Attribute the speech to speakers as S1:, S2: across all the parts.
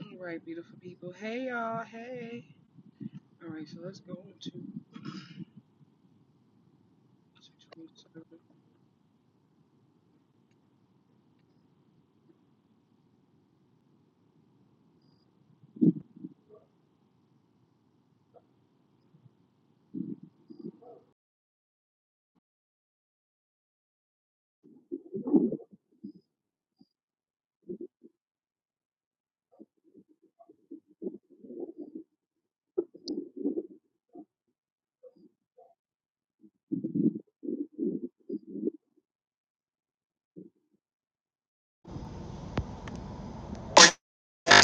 S1: All right, beautiful people. Hey, y'all. Hey. All right, so let's go into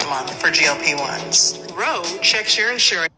S1: Mom, for GLP ones. Roe checks your insurance.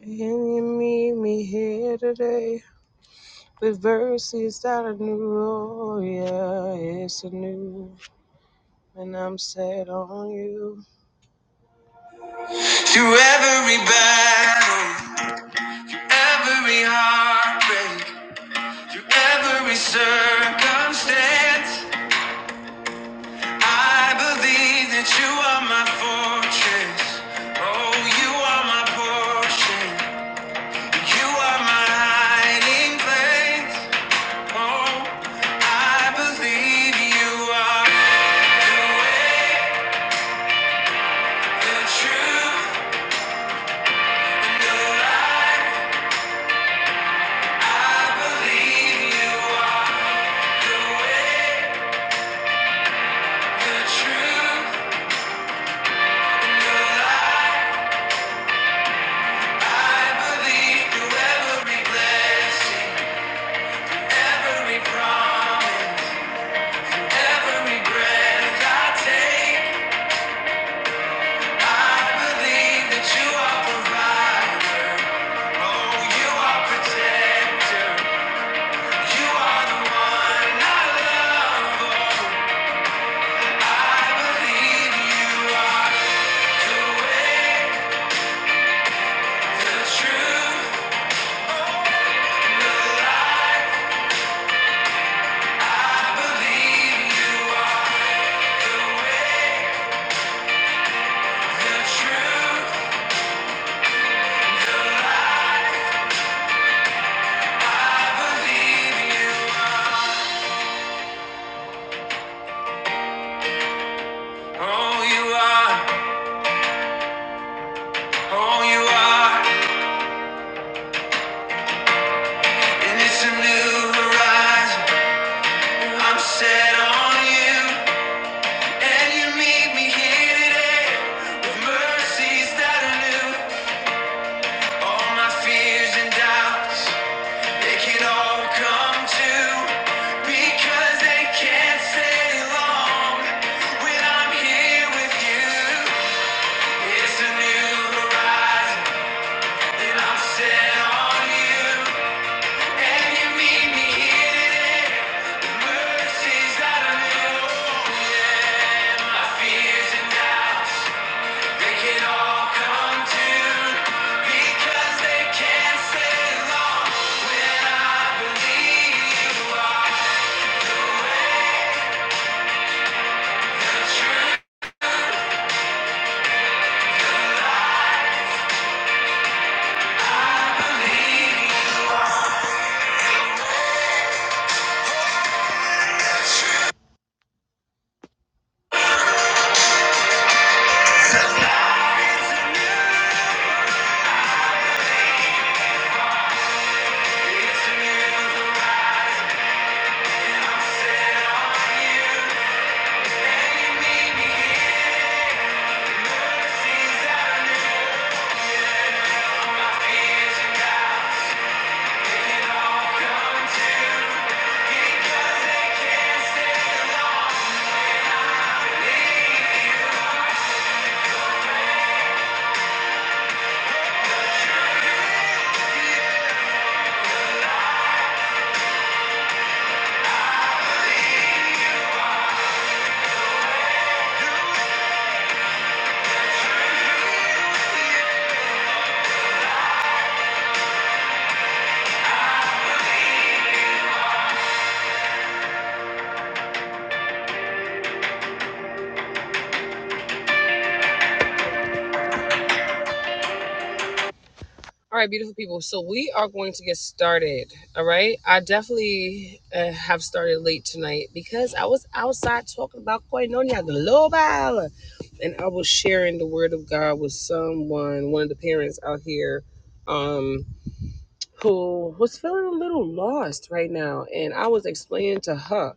S1: And you meet me here today? With verses that are new, oh yeah, it's a new, and I'm set on you. Through every battle, every heartbreak, through every circumstance. I believe that you are my fortress. Oh, you are my portion. You are my hiding place. Oh, I believe you are the way, the truth, and the life. I believe you are the way, the truth, and the life. I believe through every blessing. Every promise, every breath I take, I believe that you are provider. Oh, you are protector. You are the one I love. Oh, I believe you are the way, the truth, Oh, the life. I believe you are the way, the truth. Oh, you are, oh, you are, and it's a new horizon. I'm set on you, and you meet me here today with mercies that are new. All my fears and doubts, they can all come true because they can't stay long when I'm here with you. It's a new horizon that I'm set on you, and you meet me here today. The mercies that I knew, yeah, my fears and doubts they can all come to because they can't stay long when I believe you are the truth. I believe it's a new horizon. I'm set on you. All right, beautiful people. So we are going to get started. All right. I definitely uh, have started late tonight because I was outside talking about Koinonia Global and I was sharing the word of God with someone, one of the parents out here um, who was feeling a little lost right now. And I was explaining to her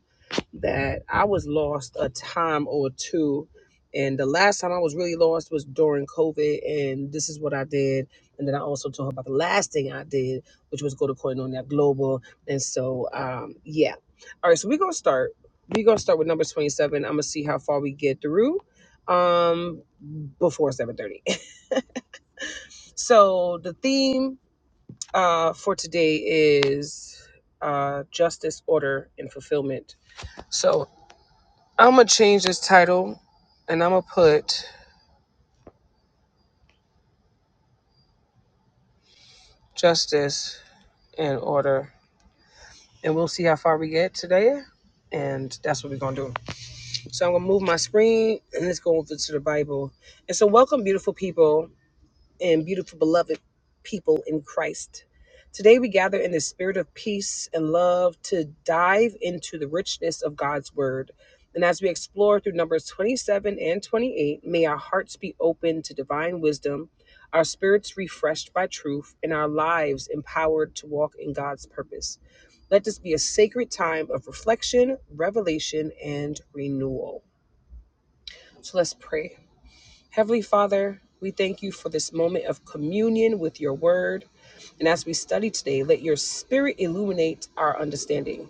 S1: that I was lost a time or two. And the last time I was really lost was during COVID. And this is what I did. And then I also told her about the last thing I did, which was go to Koinonia Global. And so, um, yeah. All right. So we're going to start. We're going to start with number 27. I'm going to see how far we get through um, before 730. so the theme uh, for today is uh, justice, order, and fulfillment. So I'm gonna change this title, and I'm gonna put justice in order, and we'll see how far we get today. And that's what we're gonna do. So I'm gonna move my screen, and let's go over to the Bible. And so, welcome, beautiful people. and beautiful beloved people in Christ. Today we gather in the spirit of peace and love to dive into the richness of God's word. And as we explore through Numbers 27 and 28, may our hearts be open to divine wisdom, our spirits refreshed by truth, and our lives empowered to walk in God's purpose. Let this be a sacred time of reflection, revelation, and renewal. So let's pray. Heavenly Father, we thank you for this moment of communion with your word. And as we study today, let your spirit illuminate our understanding.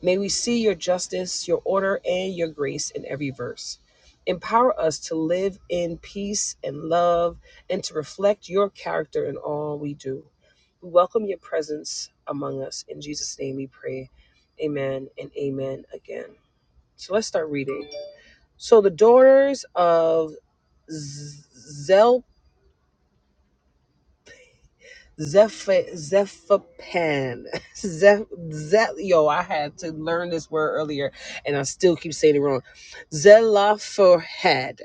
S1: May we see your justice, your order, and your grace in every verse. Empower us to live in peace and love and to reflect your character in all we do. We welcome your presence among us. In Jesus' name we pray. Amen and amen again. So let's start reading. So the daughters of Zelp Zeph Zephapan. Zeph Zep yo, I had to learn this word earlier and I still keep saying it wrong. Zelophehad.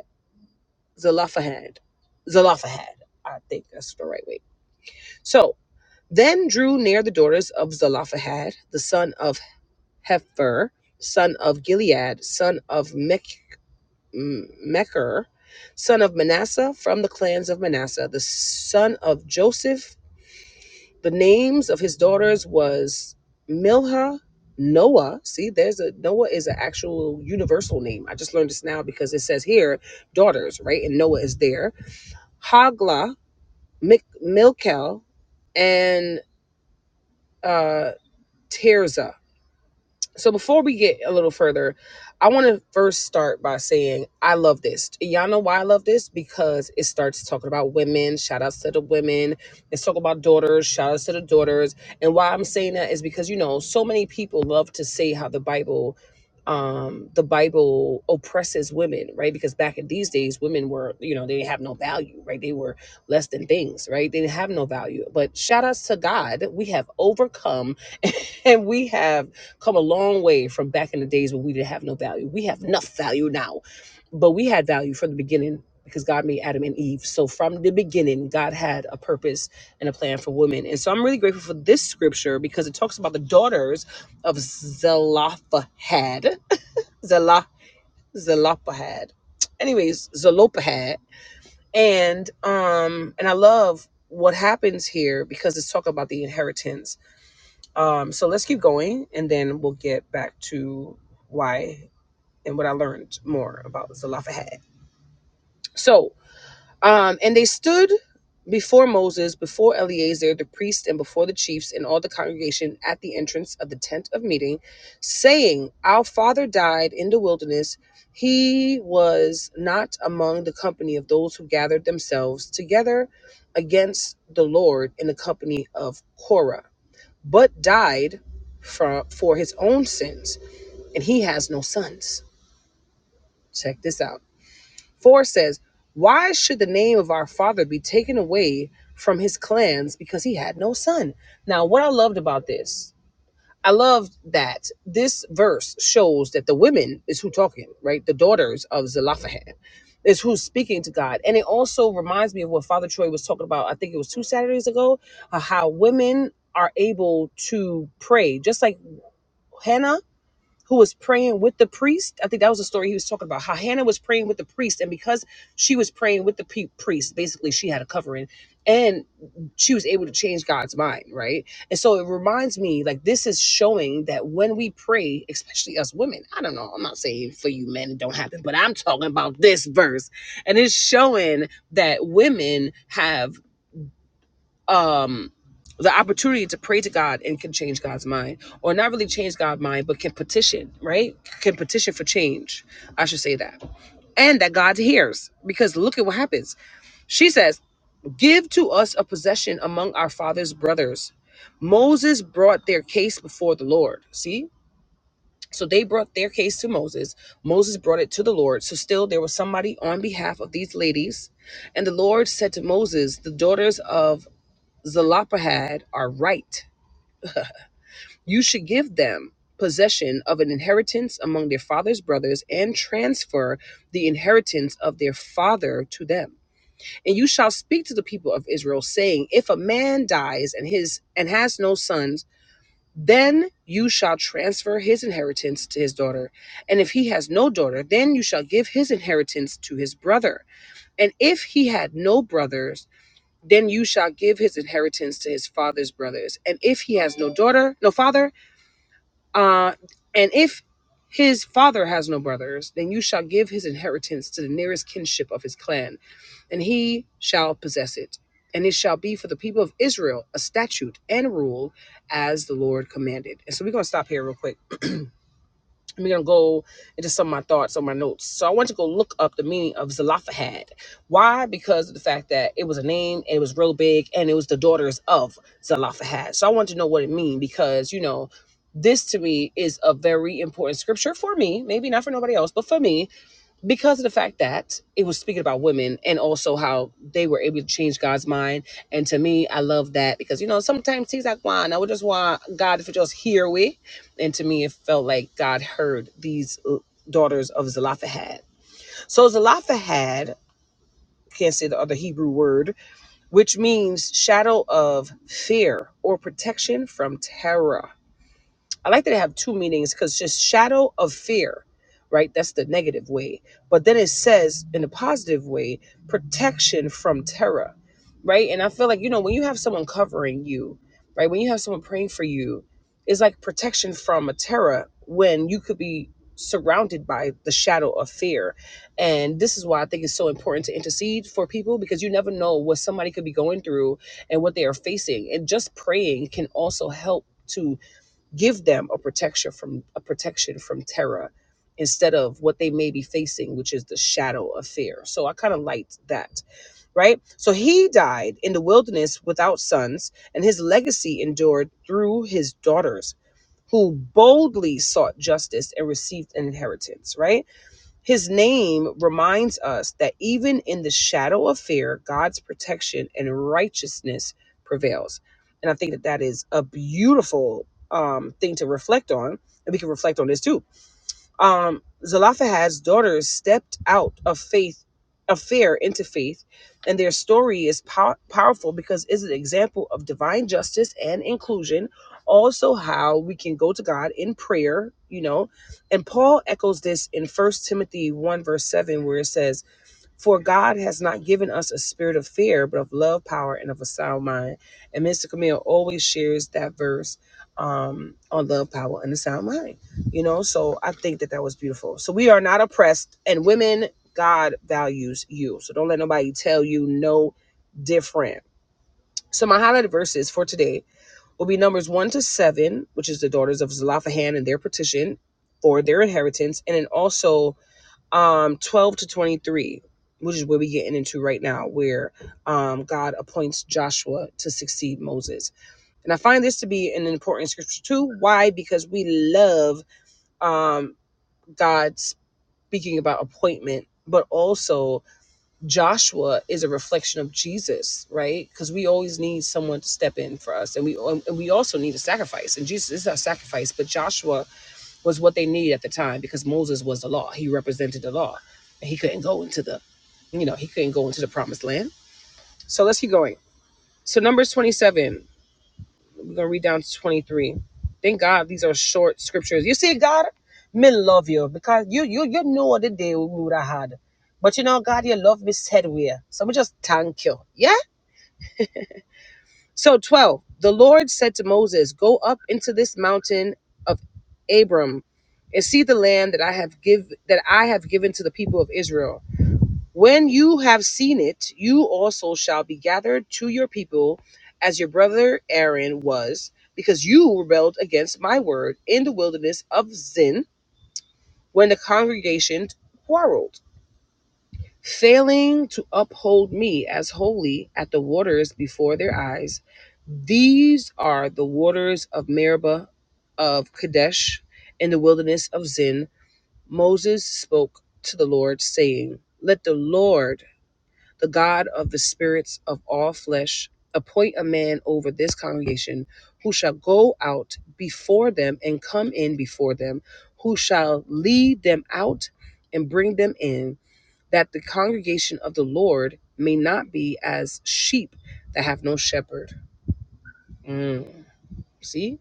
S1: Zelophehad. Zelophehad. I think that's the right way. So then drew near the daughters of Zelophehad, the son of Hefer, son of Gilead, son of Mech- M- Mecher, son of Manasseh, from the clans of Manasseh, the son of Joseph. The names of his daughters was Milhah, Noah. See, there's a Noah is an actual universal name. I just learned this now because it says here daughters, right? And Noah is there. Hagla, Mik- Milkel, and uh, Tirzah. So before we get a little further, I want to first start by saying I love this. Y'all know why I love this because it starts talking about women. Shout outs to the women. It's talking about daughters. Shout outs to the daughters. And why I'm saying that is because you know so many people love to say how the Bible, um, the Bible oppresses women, right? Because back in these days, women were you know they didn't have no value, right? They were less than things, right? They didn't have no value. But shout outs to God, we have overcome, and we have come a long way from back in the days when we didn't have no value. We have enough value now, but we had value from the beginning because God made Adam and Eve. So from the beginning, God had a purpose and a plan for women. And so I'm really grateful for this scripture because it talks about the daughters of Zelophehad. Zelah Zelophehad. Anyways, Zelophehad. And um and I love what happens here because it's talking about the inheritance um, so let's keep going, and then we'll get back to why and what I learned more about Zelophehad. So, um, and they stood before Moses, before Eleazar the priest, and before the chiefs and all the congregation at the entrance of the tent of meeting, saying, Our father died in the wilderness. He was not among the company of those who gathered themselves together against the Lord in the company of Korah but died for, for his own sins, and he has no sons. Check this out. 4 says, Why should the name of our father be taken away from his clans because he had no son? Now, what I loved about this, I loved that this verse shows that the women is who talking, right? The daughters of Zelophehad is who's speaking to God. And it also reminds me of what Father Troy was talking about, I think it was two Saturdays ago, uh, how women are able to pray just like Hannah, who was praying with the priest. I think that was the story he was talking about. How Hannah was praying with the priest, and because she was praying with the pe- priest, basically she had a covering, and she was able to change God's mind, right? And so it reminds me, like this is showing that when we pray, especially us women, I don't know, I'm not saying for you men it don't happen, but I'm talking about this verse, and it's showing that women have um the opportunity to pray to God and can change God's mind, or not really change God's mind, but can petition, right? Can petition for change. I should say that. And that God hears, because look at what happens. She says, Give to us a possession among our father's brothers. Moses brought their case before the Lord. See? So they brought their case to Moses. Moses brought it to the Lord. So still there was somebody on behalf of these ladies. And the Lord said to Moses, The daughters of Zelophehad are right. You should give them possession of an inheritance among their father's brothers and transfer the inheritance of their father to them. And you shall speak to the people of Israel saying, if a man dies and his and has no sons, then you shall transfer his inheritance to his daughter. And if he has no daughter, then you shall give his inheritance to his brother. And if he had no brothers, then you shall give his inheritance to his father's brothers. And if he has no daughter, no father, uh, and if his father has no brothers, then you shall give his inheritance to the nearest kinship of his clan, and he shall possess it. And it shall be for the people of Israel a statute and rule as the Lord commanded. And so we're going to stop here real quick I'm going to go into some of my thoughts on my notes. So I want to go look up the meaning of Zelophehad. Why? Because of the fact that it was a name, it was real big, and it was the daughters of Zelophehad. So I want to know what it means because, you know, this to me is a very important scripture for me, maybe not for nobody else, but for me, because of the fact that it was speaking about women and also how they were able to change God's mind. And to me, I love that because you know sometimes things like why now we just want God to just hear we. And to me, it felt like God heard these uh, daughters of Zelophehad. So Zelophehad can't say the other Hebrew word, which means shadow of fear or protection from terror. I like that it have two meanings because just shadow of fear, right? That's the negative way. But then it says in the positive way, protection from terror, right? And I feel like, you know, when you have someone covering you, right? When you have someone praying for you, it's like protection from a terror when you could be surrounded by the shadow of fear. And this is why I think it's so important to intercede for people because you never know what somebody could be going through and what they are facing. And just praying can also help to give them a protection from a protection from terror instead of what they may be facing which is the shadow of fear so i kind of liked that right so he died in the wilderness without sons and his legacy endured through his daughters who boldly sought justice and received an inheritance right his name reminds us that even in the shadow of fear, God's protection and righteousness prevails. And I think that that is a beautiful um, thing to reflect on. And we can reflect on this too um, Zelophehad's daughters stepped out of faith, of fear into faith, and their story is pow- powerful because it's an example of divine justice and inclusion. Also, how we can go to God in prayer, you know. And Paul echoes this in First Timothy one verse seven, where it says for God has not given us a spirit of fear, but of love, power, and of a sound mind. And Mr. Camille always shares that verse um, on love, power, and the sound mind. You know, so I think that that was beautiful. So we are not oppressed, and women, God values you. So don't let nobody tell you no different. So my highlighted verses for today will be Numbers 1 to 7, which is the daughters of Zelophehad and their petition for their inheritance, and then also um 12 to 23 which is where we're getting into right now where um god appoints joshua to succeed moses and i find this to be an important scripture too why because we love um god speaking about appointment but also joshua is a reflection of jesus right because we always need someone to step in for us and we and we also need a sacrifice and jesus is our sacrifice but joshua was what they needed at the time because Moses was the law. He represented the law. And he couldn't go into the, you know, he couldn't go into the promised land. So let's keep going. So Numbers 27, we're going to read down to 23. Thank God these are short scriptures. You see, God, men love you because you you you know the day we would have had. But you know, God, your love me said we. So we just thank you. Yeah. So 12, the Lord said to Moses, Go up into this mountain of Abram and see the land that I have give that I have given to the people of Israel. When you have seen it, you also shall be gathered to your people as your brother Aaron was, because you rebelled against my word in the wilderness of Zin when the congregation quarreled failing to uphold me as holy at the waters before their eyes. These are the waters of Meribah of Kadesh in the wilderness of Zin. Moses spoke to the Lord, saying, Let the Lord, the God of the spirits of all flesh, appoint a man over this congregation who shall go out before them and come in before them, who shall lead them out and bring them in that the congregation of the Lord may not be as sheep that have no shepherd. Mm, See?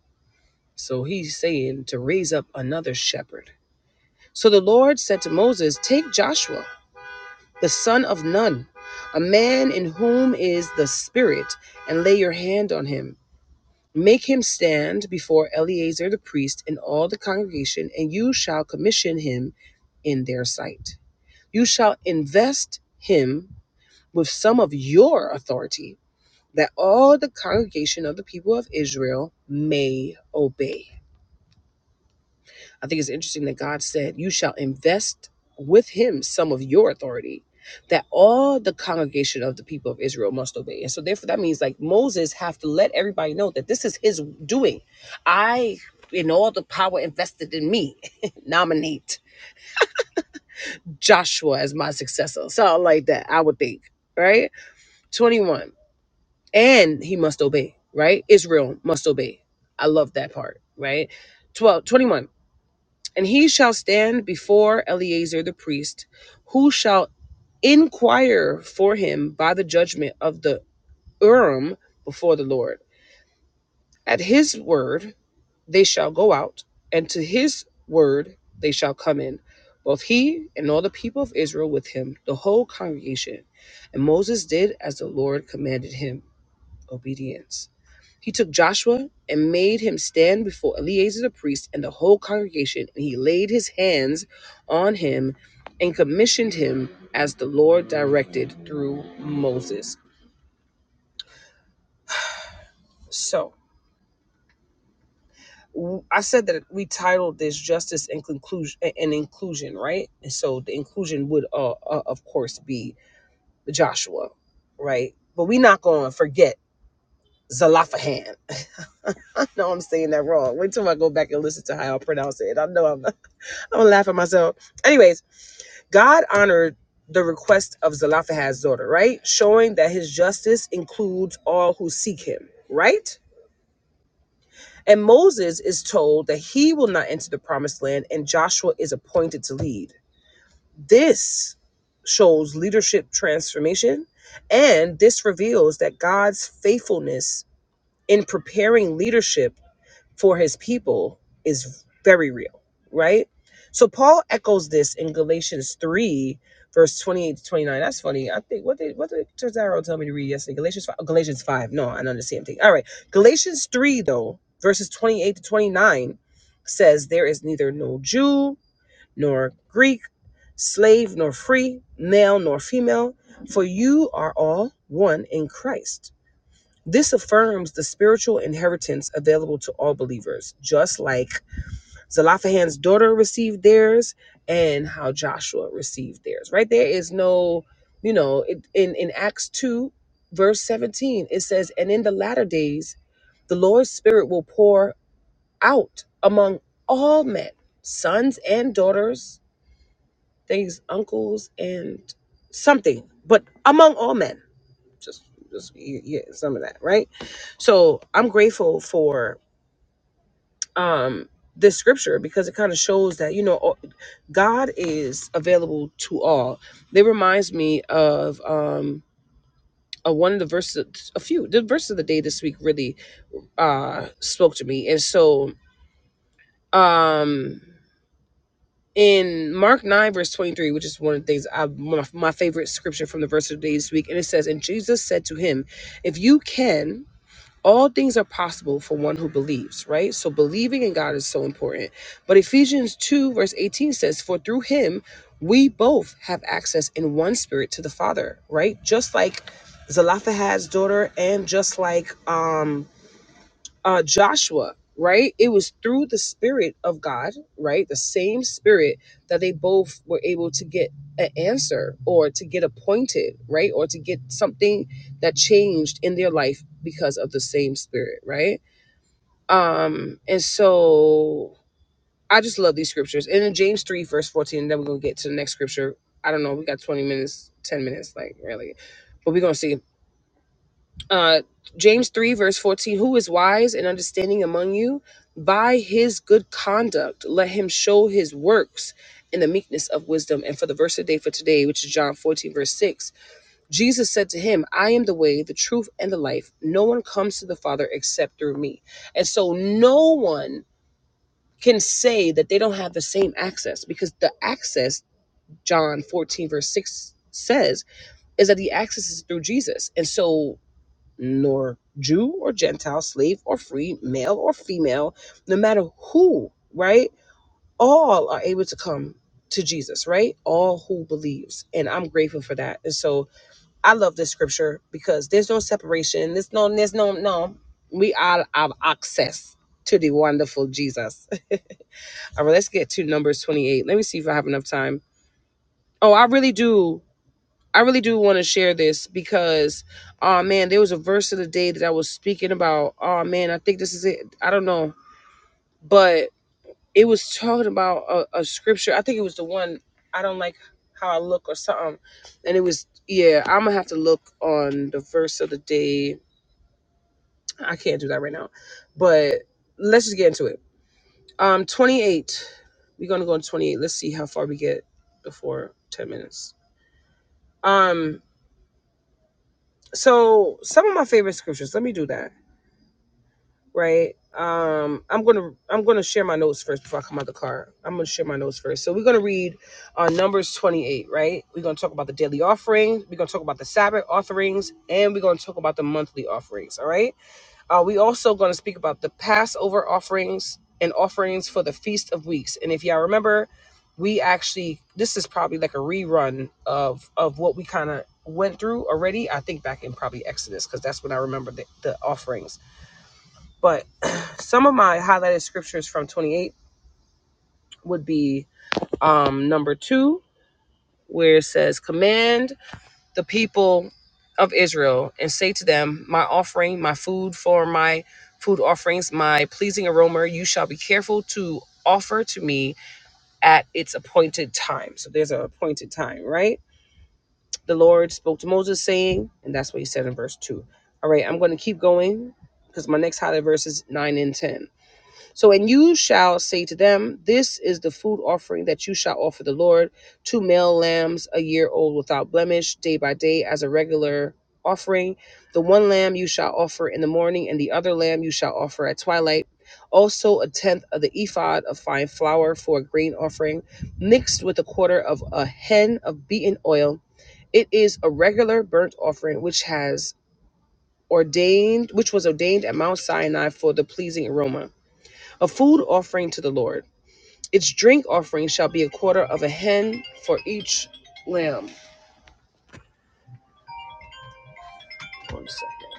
S1: So he's saying to raise up another shepherd. So the Lord said to Moses, Take Joshua, the son of Nun, a man in whom is the Spirit, and lay your hand on him. Make him stand before Eleazar the priest and all the congregation, and you shall commission him in their sight. You shall invest him with some of your authority that all the congregation of the people of Israel may obey. I think it's interesting that God said, You shall invest with him some of your authority, that all the congregation of the people of Israel must obey. And so therefore that means like Moses have to let everybody know that this is his doing. I in all the power invested in me, nominate Joshua as my successor. Something like that, I would think. Right? 21. and he must obey, right? Israel must obey. I love that part, right? 12, 21. And he shall stand before Eleazar the priest, who shall inquire for him by the judgment of the Urim before the Lord. At his word they shall go out, and to his word they shall come in, both he and all the people of Israel with him, the whole congregation. And Moses did as the Lord commanded him obedience. He took Joshua and made him stand before Eleazar the priest and the whole congregation, and he laid his hands on him and commissioned him as the Lord directed through Moses. So w- I said that we titled this justice and conclusion and inclusion, right? And so the inclusion would, uh, uh, of course, be Joshua, right? But we're not going to forget Zalafahan. I know I'm saying that wrong. Wait till I go back and listen to how I pronounce it. I know I'm I'm gonna laugh at myself. Anyways, God honored the request of Zelophehad's daughter, right? Showing that his justice includes all who seek him, right? And Moses is told that he will not enter the promised land, and Joshua is appointed to lead. This shows leadership transformation, and this reveals that God's faithfulness in preparing leadership for his people is very real, right? So Paul echoes this in Galatians 3, verse 28 to 29. That's funny. I think what did what did Cesaro tell me to read yesterday? Galatians 5. Galatians 5. No, I know the same thing. All right. Galatians 3, though, verses 28 to 29 says there is neither no Jew nor Greek, slave nor free, male nor female, for you are all one in Christ. This affirms the spiritual inheritance available to all believers, just like Zelophehad's daughter received theirs and how Joshua received theirs. Right there is no, you know, it, in, in Acts 2, verse 17, it says, And in the latter days, the Lord's Spirit will pour out among all men, sons and daughters, things, uncles, and something, but among all men just just y- yeah some of that right so i'm grateful for um this scripture because it kind of shows that you know all- god is available to all it reminds me of um uh, one of the verses a few the verses of the day this week really uh spoke to me and so um in Mark 9, verse 23, which is one of the things I, one of my favorite scripture from the verse of the day this week, and it says, And Jesus said to him, If you can, all things are possible for one who believes, right? So believing in God is so important. But Ephesians 2, verse 18 says, For through him we both have access in one spirit to the Father, right? Just like Zelophehad's daughter and just like um uh, Joshua, right? It was through the Spirit of God, right? The same Spirit that they both were able to get an answer or to get appointed, right? Or to get something that changed in their life because of the same Spirit, right? Um, and so I just love these scriptures. And in James 3, verse 14, and then we're going to get to the next scripture. I don't know. We got 20 minutes, 10 minutes, like really. But we're going to see uh, James 3, verse 14 Who is wise and understanding among you? By his good conduct, let him show his works in the meekness of wisdom. And for the verse of the day for today, which is John 14, verse 6, Jesus said to him, I am the way, the truth, and the life. No one comes to the Father except through me. And so no one can say that they don't have the same access because the access, John 14, verse 6 says, is that the access is through Jesus. And so nor Jew or Gentile, slave or free, male or female, no matter who, right? All are able to come to Jesus, right? All who believes. And I'm grateful for that. And so I love this scripture because there's no separation. There's no, there's no, no. We all have access to the wonderful Jesus. All right, let's get to Numbers 28. Let me see if I have enough time. Oh, I really do. I really do want to share this because, oh man, there was a verse of the day that I was speaking about. Oh man, I think this is it. I don't know, but it was talking about a, a scripture. I think it was the one I don't like how I look or something. And it was, yeah, I'm gonna have to look on the verse of the day. I can't do that right now, but let's just get into it. Um, 28. We're gonna go on 28. Let's see how far we get before 10 minutes. Um, so some of my favorite scriptures. Let me do that. right? Um, I'm gonna I'm gonna share my notes first before I come out the car. I'm gonna share my notes first. So we're gonna read uh, Numbers 28, right? We're gonna talk about the daily offerings. We're gonna talk about the Sabbath offerings, and we're gonna talk about the monthly offerings. All right. Uh, we also gonna speak about the Passover offerings and offerings for the Feast of Weeks. And if y'all remember, we actually this is probably like a rerun of of what we kind of went through already. I think back in probably Exodus because that's when I remember the, the offerings but some of my highlighted scriptures from 28 would be um, number two, where it says, Command the people of Israel and say to them, My offering, my food for my food offerings, my pleasing aroma, you shall be careful to offer to me at its appointed time. So there's an appointed time, right? The Lord spoke to Moses, saying, and that's what he said in verse two. All right, I'm going to keep going because my next highlight verse is 9 and 10. So, and you shall say to them, This is the food offering that you shall offer the Lord two male lambs, a year old without blemish, day by day, as a regular offering. The one lamb you shall offer in the morning, and the other lamb you shall offer at twilight. Also, a tenth of the ephod of fine flour for a grain offering, mixed with a quarter of a hen of beaten oil. It is a regular burnt offering which has ordained, which was ordained at Mount Sinai for the pleasing aroma. A food offering to the Lord. Its drink offering shall be a quarter of a hen for each lamb. One second.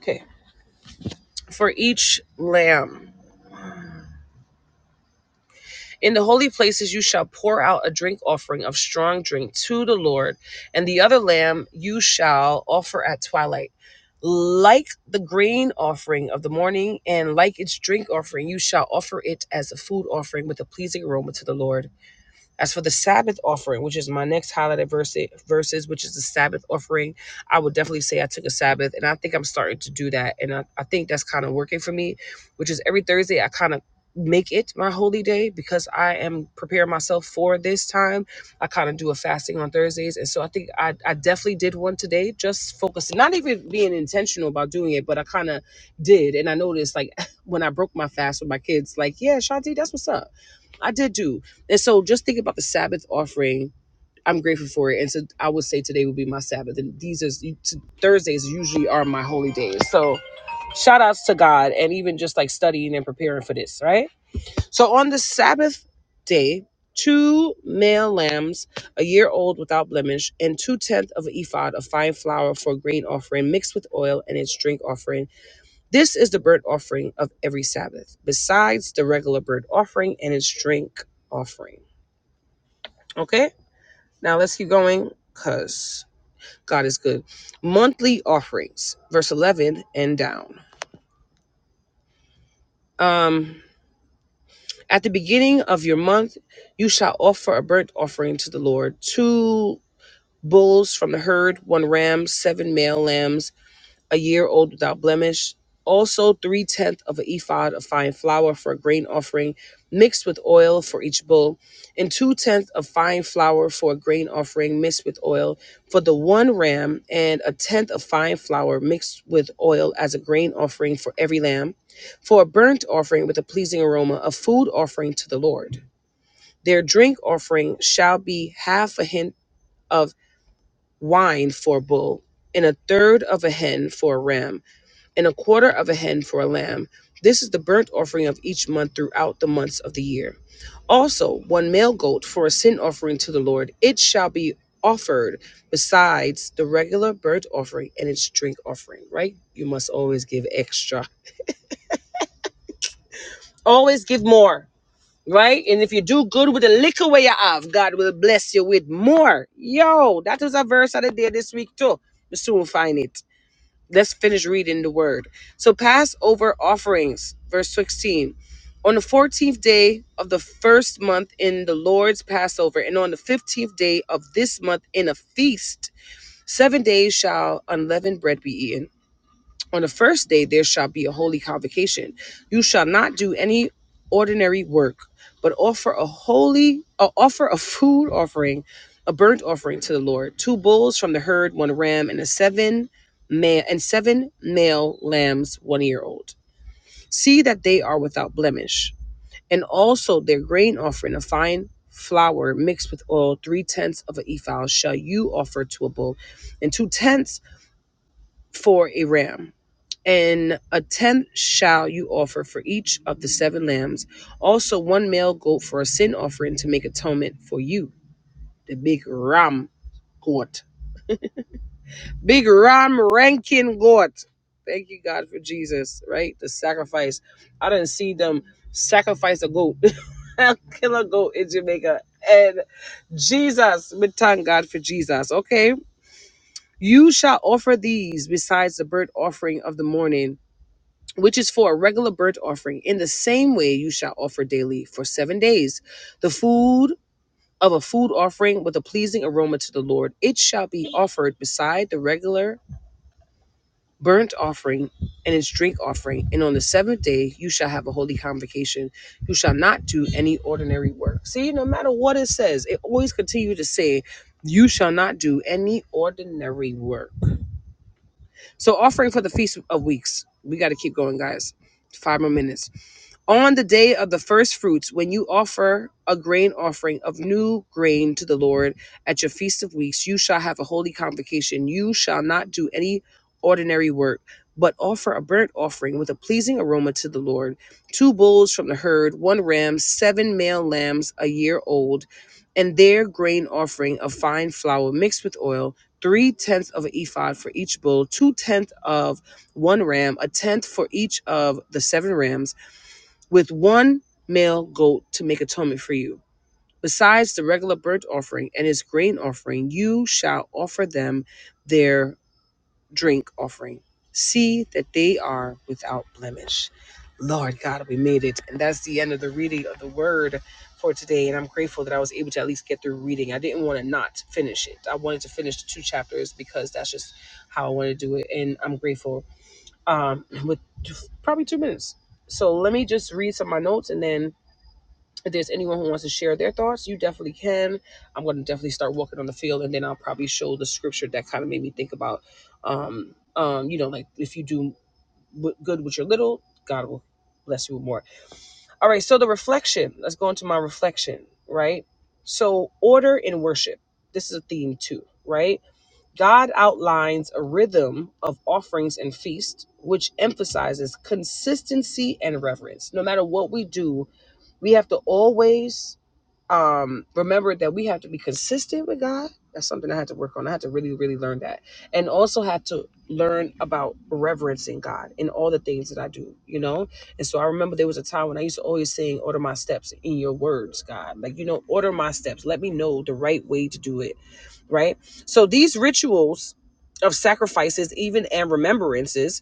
S1: Okay. For each lamb. In the holy places you shall pour out a drink offering of strong drink to the Lord, and the other lamb you shall offer at twilight. Like the grain offering of the morning, and like its drink offering, you shall offer it as a food offering with a pleasing aroma to the Lord. As for the Sabbath offering, which is my next highlighted verse, verses, which is the Sabbath offering, I would definitely say I took a Sabbath, and I think I'm starting to do that, and I, I think that's kind of working for me, which is every Thursday I kind of make it my holy day because I am preparing myself for this time. I kind of do a fasting on Thursdays, and so I think I, I definitely did one today, just focusing, not even being intentional about doing it, but I kind of did, and I noticed like when I broke my fast with my kids, like yeah, Shanti, that's what's up. I did do. And so just think about the Sabbath offering. I'm grateful for it. And so I would say today would be my Sabbath. And these is Thursdays usually are my holy days. So shout outs to God and even just like studying and preparing for this, right? So on the Sabbath day, two male lambs, a year old without blemish, and two tenths of an ephod of fine flour for a grain offering mixed with oil and its drink offering. This is the burnt offering of every Sabbath, besides the regular burnt offering and its drink offering. Okay? Now let's keep going because God is good. Monthly offerings, verse 11 and down. Um, at the beginning of your month, you shall offer a burnt offering to the Lord two bulls from the herd, one ram, seven male lambs a year old without blemish. Also, three tenths of an ephod of fine flour for a grain offering, mixed with oil for each bull, and two tenths of fine flour for a grain offering, mixed with oil for the one ram, and a tenth of fine flour mixed with oil as a grain offering for every lamb, for a burnt offering with a pleasing aroma, a food offering to the Lord. Their drink offering shall be half a hin of wine for a bull, and a third of a hin for a ram and a quarter of a hen for a lamb. This is the burnt offering of each month throughout the months of the year. Also, one male goat for a sin offering to the Lord. It shall be offered besides the regular burnt offering and its drink offering, right? You must always give extra. Always give more, right? And if you do good with the little way you have, God will bless you with more. Yo, that was a verse that I did this week too. You soon find it. Let's finish reading the word. So Passover offerings, verse 16. On the 14th day of the first month in the Lord's Passover, and on the 15th day of this month in a feast, seven days shall unleavened bread be eaten on the first day there shall be a holy convocation. You shall not do any ordinary work, but offer a holy uh, offer a food offering, a burnt offering to the Lord, two bulls from the herd, one ram, and a seven male and seven male lambs, one year old. See that they are without blemish, and also their grain offering, a fine flour mixed with oil, three tenths of an ephah shall you offer to a bull, and two tenths for a ram. And a tenth shall you offer for each of the seven lambs, also one male goat for a sin offering to make atonement for you, the big ram goat. Big ram ranking goat. Thank you, God, for Jesus, right? The sacrifice. I didn't see them sacrifice a goat, kill a goat in Jamaica. And Jesus, we thank God for Jesus, okay? You shall offer these besides the burnt offering of the morning which is for a regular burnt offering. In the same way, you shall offer daily for seven days the food of a food offering with a pleasing aroma to the Lord. It shall be offered beside the regular burnt offering and its drink offering. And on the seventh day, you shall have a holy convocation. You shall not do any ordinary work. See, no matter what it says, it always continue to say, you shall not do any ordinary work. So offering for the feast of weeks. We got to keep going, guys. Five more minutes. On the day of the first fruits, when you offer a grain offering of new grain to the Lord at your feast of weeks, you shall have a holy convocation. You shall not do any ordinary work, but offer a burnt offering with a pleasing aroma to the Lord. Two bulls from the herd, one ram, seven male lambs a year old, and their grain offering of fine flour mixed with oil three tenths of an ephod for each bull, two tenths of one ram, a tenth for each of the seven rams, with one male goat to make atonement for you. Besides the regular burnt offering and its grain offering, you shall offer them their drink offering. See that they are without blemish. Lord God, we made it. And that's the end of the reading of the word for today. And I'm grateful that I was able to at least get through reading. I didn't want to not finish it. I wanted to finish the two chapters because that's just how I want to do it. And I'm grateful um, with probably two minutes. So let me just read some of my notes and then if there's anyone who wants to share their thoughts, you definitely can. I'm going to definitely start walking on the field, and then I'll probably show the scripture that kind of made me think about, um, um, you know, like if you do w- good with your little, God will bless you with more. All right, so the reflection. Let's go into my reflection, right? So order in worship. This is a theme too, right? God outlines a rhythm of offerings and feasts, which emphasizes consistency and reverence. No matter what we do, we have to always um remember that we have to be consistent with god that's something i had to work on i had to really really learn that and also had to learn about reverencing god in all the things that i do you know and so i remember there was a time when i used to always sing order my steps in your words god like you know order my steps let me know the right way to do it right so these rituals of sacrifices even and remembrances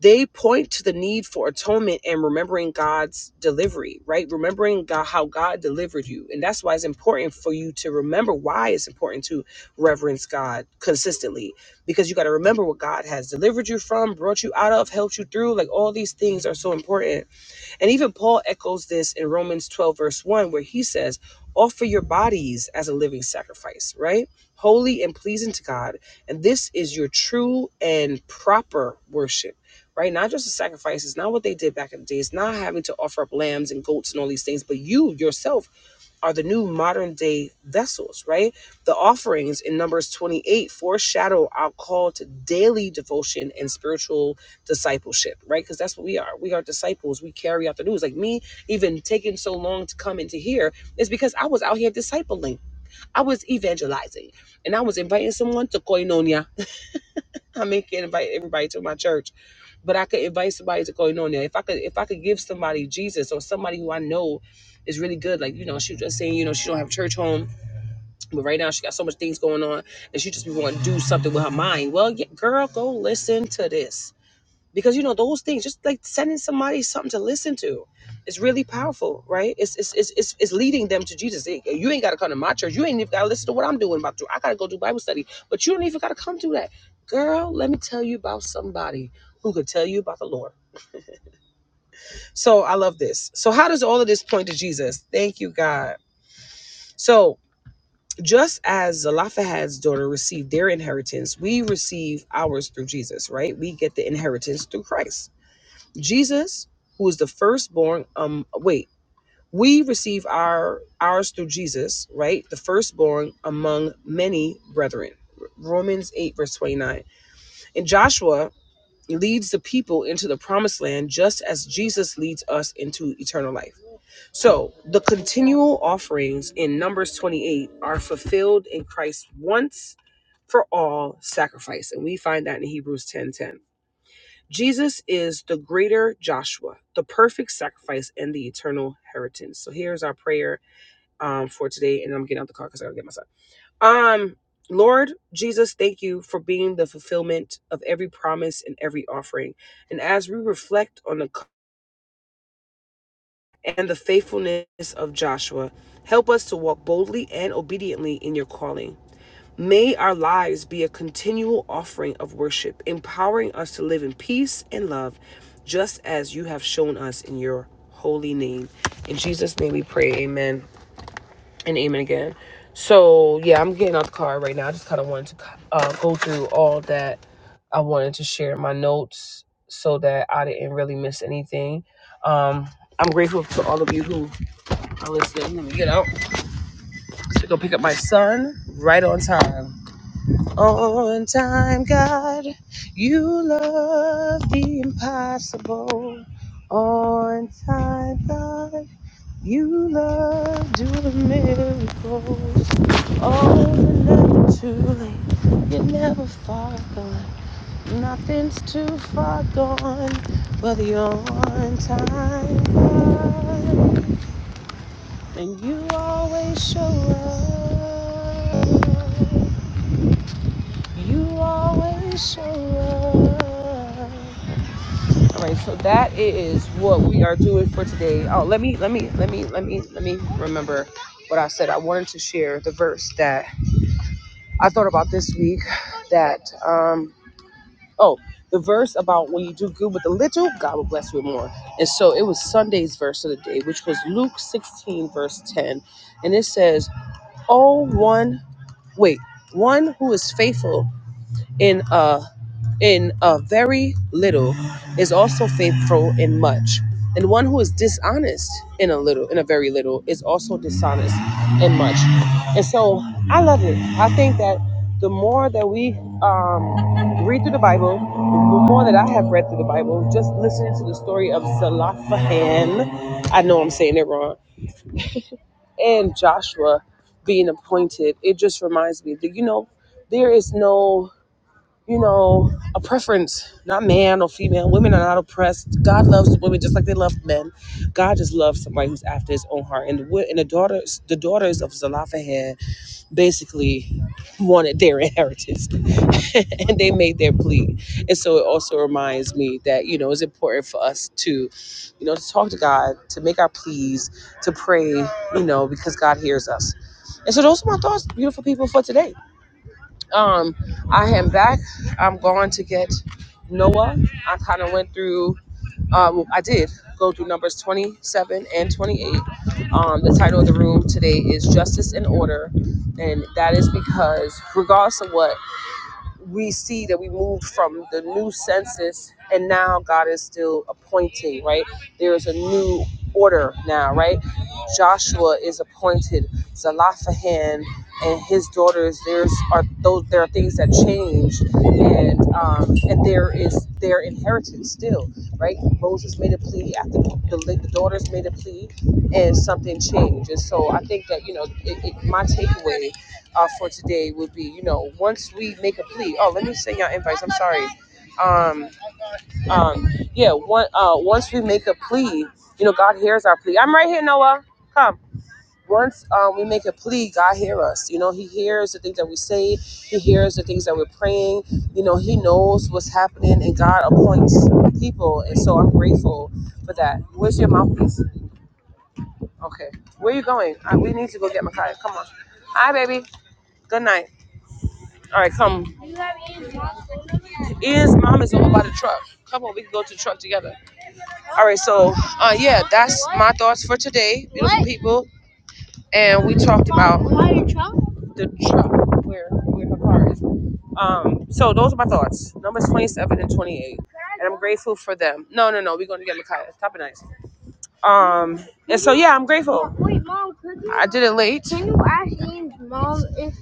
S1: they point to the need for atonement and remembering God's delivery, right? Remembering God, how God delivered you. And that's why it's important for you to remember why it's important to reverence God consistently because you got to remember what God has delivered you from, brought you out of, helped you through. Like all these things are so important. And even Paul echoes this in Romans 12, verse 1, where he says, Offer your bodies as a living sacrifice, right? Holy and pleasing to God. And this is your true and proper worship, right? Not just the sacrifices, not what they did back in the days, not having to offer up lambs and goats and all these things, but you yourself are the new modern day vessels, right? The offerings in Numbers 28 foreshadow our call to daily devotion and spiritual discipleship, right? Because that's what we are. We are disciples. We carry out the news. Like me, even taking so long to come into here is because I was out here discipling, I was evangelizing, and I was inviting someone to Koinonia. I mean, can't invite everybody to my church, but I could invite somebody to Koinonia. If I could, if I could give somebody Jesus or somebody who I know is really good, like you know, she was just saying, you know, she don't have church home but right now, she got so much things going on, and she just be wanting to do something with her mind. Well, yeah, girl, go listen to this because you know those things. Just like sending somebody something to listen to, it's really powerful, right? It's it's it's it's, it's leading them to Jesus. Eh, You ain't got to come to my church. You ain't even got to listen to what I'm doing. About to. I got to go do Bible study, but you don't even got to come do that, girl. Let me tell you about somebody who could tell you about the Lord. So I love this. So how does all of this point to Jesus? Thank you, God. So just as Zelophehad's daughter received their inheritance, we receive ours through Jesus, right? We get the inheritance through Christ. Jesus, who is the firstborn, um, wait, we receive our ours through Jesus, right? The firstborn among many brethren. Romans 8, verse 29. And Joshua leads the people into the promised land just as Jesus leads us into eternal life. So the continual offerings in Numbers 28 are fulfilled in Christ's once for all sacrifice. And we find that in Hebrews 10:10. Jesus is the greater Joshua, the perfect sacrifice and the eternal inheritance. So here's our prayer um, for today. And I'm getting out the car because I gotta get my son. Um, Lord Jesus, thank you for being the fulfillment of every promise and every offering. And as we reflect on the and the faithfulness of Joshua. Help us to walk boldly and obediently in your calling. May our lives be a continual offering of worship, empowering us to live in peace and love, just as you have shown us in your holy name. In Jesus' name we pray, amen and amen again. So, yeah, I'm getting out the car right now. I just kind of wanted to uh, go through all that I wanted to share in my notes so that I didn't really miss anything. Um, I'm grateful to all of you who i Now listen, let me get out to go pick up my son right on time. On time, God, you love the impossible. On time, God, you love doing miracles. Oh, you're never too late. You're never far gone. Nothing's too far gone. But the on time, God. And you always show up. You always show up. All right, so that is what we are doing for today. Oh, let me, let me, let me, let me, let me remember what I said. I wanted to share the verse that I thought about this week. That um, oh, the verse about when you do good with a little, God will bless you with more. And so it was Sunday's verse of the day, which was Luke 16, verse 10, and it says, "Oh, one." wait one who is faithful in a in a very little is also faithful in much and one who is dishonest in a little in a very little is also dishonest in much and so i love it i think that the more that we um, read through the bible the more that i have read through the bible just listening to the story of Zelophehad. i know i'm saying it wrong and Joshua being appointed, it just reminds me that, you know, there is no, you know, a preference, not man or female. Women are not oppressed. God loves women just like they love men. God just loves somebody who's after his own heart. And the, wi- and the daughters, the daughters of Zelophehad basically wanted their inheritance and they made their plea and so it also reminds me that you know it's important for us to you know to talk to god to make our pleas to pray you know because god hears us and so those are my thoughts beautiful people for today um i am back i'm going to get noah i kind of went through um, I did go through numbers 27 and 28. Um, the title of the room today is Justice and Order, and that is because, regardless of what we see that we moved from the new census and now God is still appointing, right? There is a new order now, right? Joshua is appointed, Zalaphahan and his daughters, there's are those there are things that change and um, and there is their inheritance still, right? Moses made a plea after the, the daughters made a plea and something changed. And so I think that, you know, it, it, my takeaway uh, for today would be, you know, once we make a plea. Oh, let me send y'all invites. I'm sorry. Um, um, yeah. One, uh, once we make a plea, you know, God hears our plea. I'm right here, Noah. Come. Once um, we make a plea, God hears us. You know, He hears the things that we say. He hears the things that we're praying. You know, He knows what's happening, and God appoints people. And so I'm grateful for that. Where's your mouthpiece? Okay. Where you going? Uh, we need to go get Micaiah. Come on. Hi, baby. Good night. All right, come. Is mom is over by the truck. Come on, we can go to the truck together. All right, so uh, yeah, that's my thoughts for today, beautiful people. And we talked about the truck where where her car is. Um, so those are my thoughts. Numbers twenty seven and twenty eight, and I'm grateful for them. No, no, no, we're going to get Micaiah. Top of nice. Um, and so yeah, I'm grateful. Wait, mom, could you? I did it late. Can you ask Ian's mom if?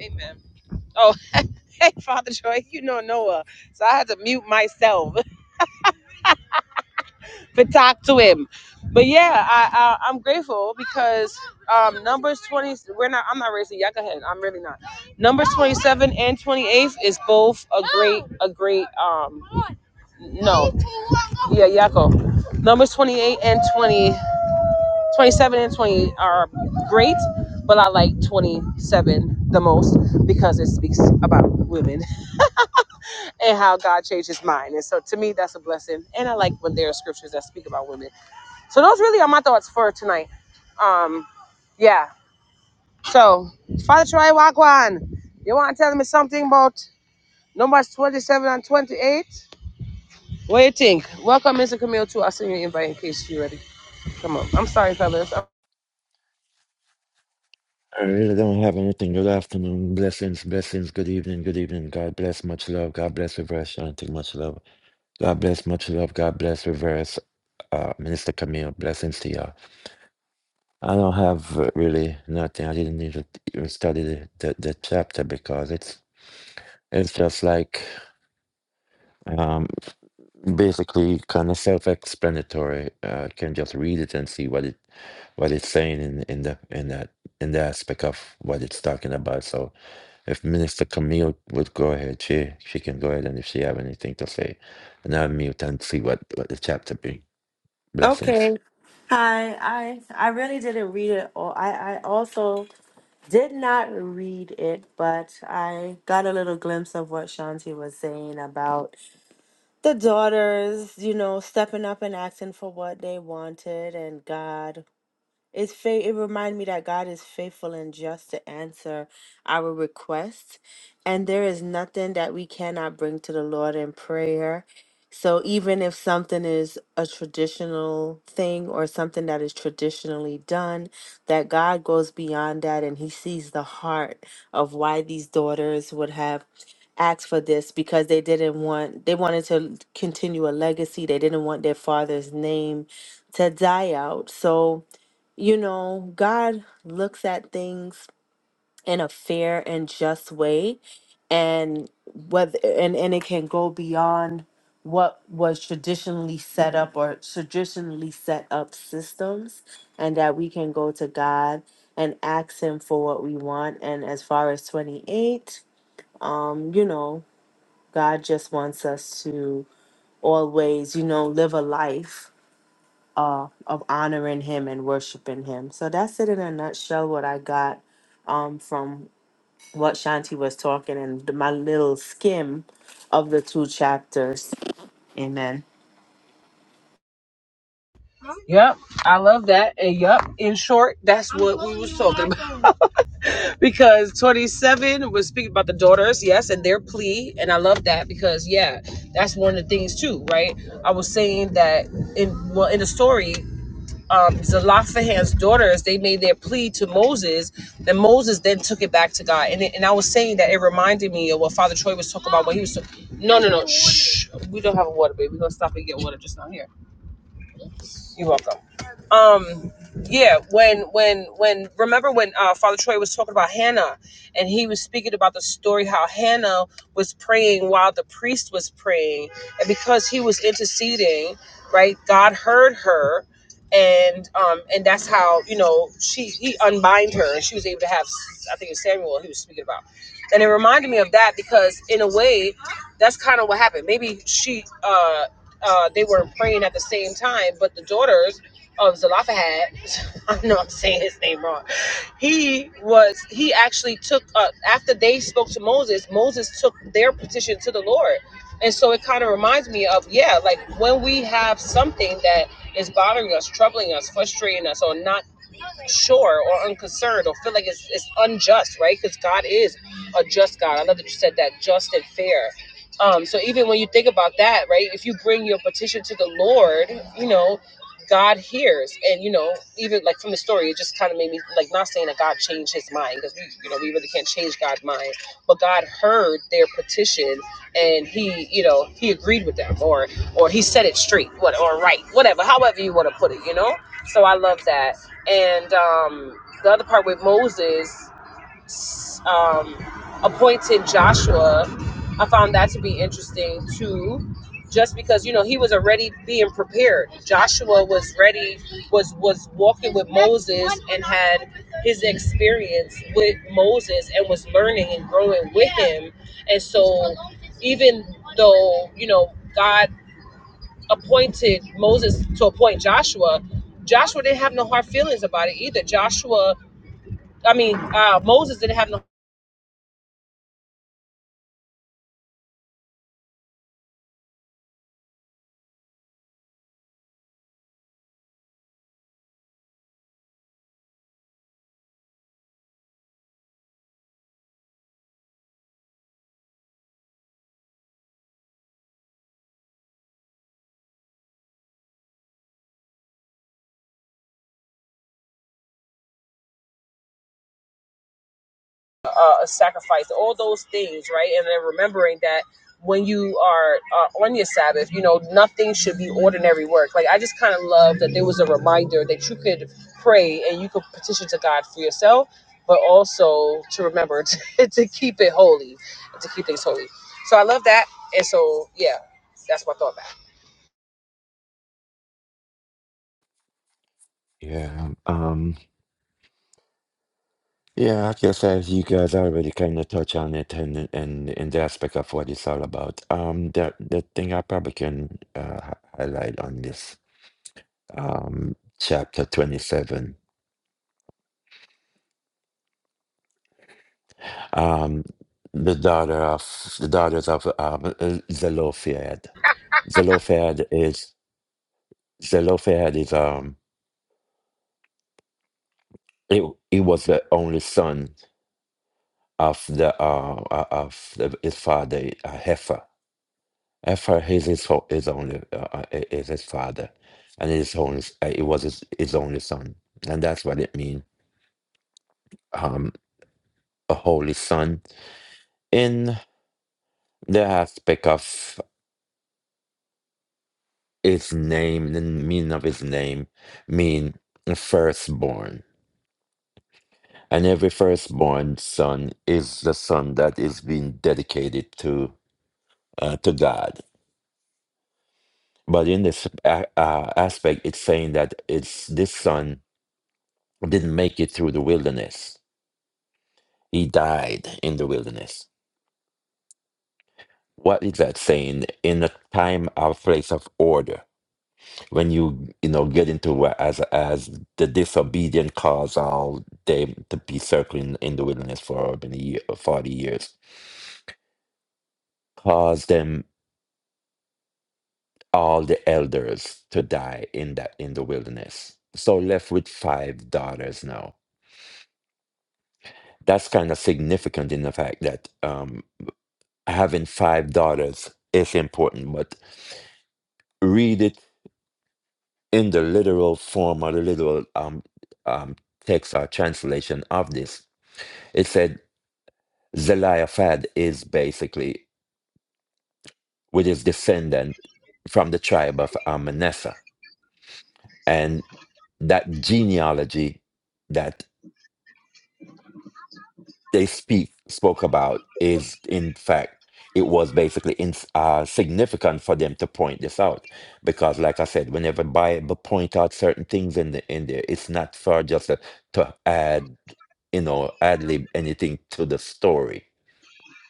S1: Amen. Oh, hey, Father Troy, you know Noah, so I had to mute myself. but talk to him. But yeah, I, I I'm grateful because um numbers twenty we're not I'm not racing, y'all go ahead. I'm really not. Numbers twenty seven and twenty eighth is both a great a great um no. Yeah, Yako. Numbers twenty eight and 20 27 and twenty are great, but I like twenty seven the most because it speaks about women and how God changed his mind. And so to me that's a blessing. And I like when there are scriptures that speak about women. So those really are my thoughts for tonight. Um, yeah. So Father Troy Wagwan, you want to tell me something about numbers 27 and 28? What do you think? Welcome, Mr. Camille, too. I'll send you an invite in case you're ready. Come on. I'm sorry, fellas. I'm-
S2: I really don't have anything. Good afternoon. Blessings, blessings. Good evening, good evening. God bless. Much love. God bless Reverse Shanti. Much love. God bless. Much love. God bless Reverse uh, Minister Camille. Blessings to y'all. I don't have uh, really nothing. I didn't need to even study the, the, the chapter because it's it's just like um, basically kind of self-explanatory. Uh, can just read it and see what it what it's saying in, in the in that in the aspect of what it's talking about. So If Minister Camille would go ahead, she she can go ahead, and if she have anything to say, and I'll mute and see what what the chapter be. Blessings.
S3: Okay. Hi. I I really didn't read it. All. I I also did not read it, but I got a little glimpse of what Shanti was saying about the daughters, you know, stepping up and acting for what they wanted, and God. It's faith. It reminded me that God is faithful and just to answer our requests, and there is nothing that we cannot bring to the Lord in prayer. So even if something is a traditional thing or something that is traditionally done, that God goes beyond that and He sees the heart of why these daughters would have asked for this because they didn't want they wanted to continue a legacy. They didn't want their father's name to die out. So you know, God looks at things in a fair and just way and whether and, and it can go beyond what was traditionally set up or traditionally set up systems and that we can go to God and ask him for what we want. And as far as 28, um, you know, God just wants us to always, you know, live a life uh, of honoring him and worshiping him. So that's it in a nutshell what I got um, from what Shanti was talking and my little skim of the two chapters. Amen.
S1: Yep, I love that. And yep, in short, that's what we was talking about. because 27 was speaking about the daughters, yes, and their plea. And I love that because yeah, that's one of the things too, right? I was saying that in well in the story um, Zelophehad's daughters, they made their plea to Moses, then Moses then took it back to God. And, it- and I was saying that it reminded me of what Father Troy was talking about when he was. talking. no, no, no. Shh. We don't have a water, baby. We're going to stop and get water just down here. You're welcome um yeah when when when remember when uh, father troy was talking about hannah and he was speaking about the story how hannah was praying while the priest was praying and because he was interceding right god heard her and um and that's how you know she he unbind her and she was able to have i think it's samuel he was speaking about and it reminded me of that because in a way that's kind of what happened maybe she uh uh, they were praying at the same time, but the daughters um, Zalafahad, I know I'm saying his name wrong. He was, he actually took, uh, after they spoke to Moses, Moses took their petition to the Lord. And so it kind of reminds me of, yeah, like when we have something that is bothering us, troubling us, frustrating us, or not sure or unconcerned or feel like it's, it's unjust, right? Because God is a just God. I love that you said that, just and fair. Um, so even when you think about that, right, if you bring your petition to the Lord, you know, God hears. And, you know, even like from the story, it just kind of made me like not saying that God changed his mind because we, you know, we really can't change God's mind, but God heard their petition and he, you know, he agreed with them or, or he said it straight what, or right, whatever, however you want to put it, you know? So I love that and um, the other part with Moses um, appointed Joshua. I found that to be interesting too, just because you know he was already being prepared. Joshua was ready, was was walking with Moses and had his experience with Moses and was learning and growing with him, and so even though you know God appointed Moses to appoint Joshua, Joshua didn't have no hard feelings about it either. Joshua, I mean, uh, Moses didn't have no uh, sacrifice, all those things, right? And then remembering that when you are uh, on your Sabbath, you know, nothing should be ordinary work. Like, I just kind of love that there was a reminder that you could pray and you could petition to God for yourself, but also to remember to, to keep it holy, to keep things holy. So I love that. And so, yeah, that's my thought back.
S2: Yeah. Um. Yeah. I guess as you guys already kind of touch on it, and and in the aspect of what it's all about. Um. The the thing I probably can uh, hi- highlight on this um chapter twenty seven. Um. The daughter of the daughters of um Zelophehad. Zelophehad is Zelophehad is um He, he was the only son of the uh, uh, of the, his father, uh, Heifer. Heifer is his ho- his only uh, uh, i- is his father, and his only s- uh, it was his, his only son, and that's what it means. Um, a holy son in the aspect of his name, the meaning of his name, mean firstborn, and every firstborn son is the son that is being dedicated to uh, to God But in this a- uh, aspect, it's saying that it's this son didn't make it through the wilderness. He died in the wilderness. What is that saying? In a time of place of order, when you you know get into what as as the disobedient cause all them to be circling in the wilderness for many year, forty years, caused them all the elders to die in that in the wilderness. So left with five daughters now that's kind of significant in the fact that um, having five daughters is important, but read it in the literal form or the literal um, um, text or translation of this. It said Zelophehad is basically with his descendant from the tribe of um, Manasseh, and that genealogy that. they speak spoke about is in fact it was basically in, uh, significant for them to point this out because like i said whenever bible point out certain things in the in there it's not for just to, to add you know ad lib anything to the story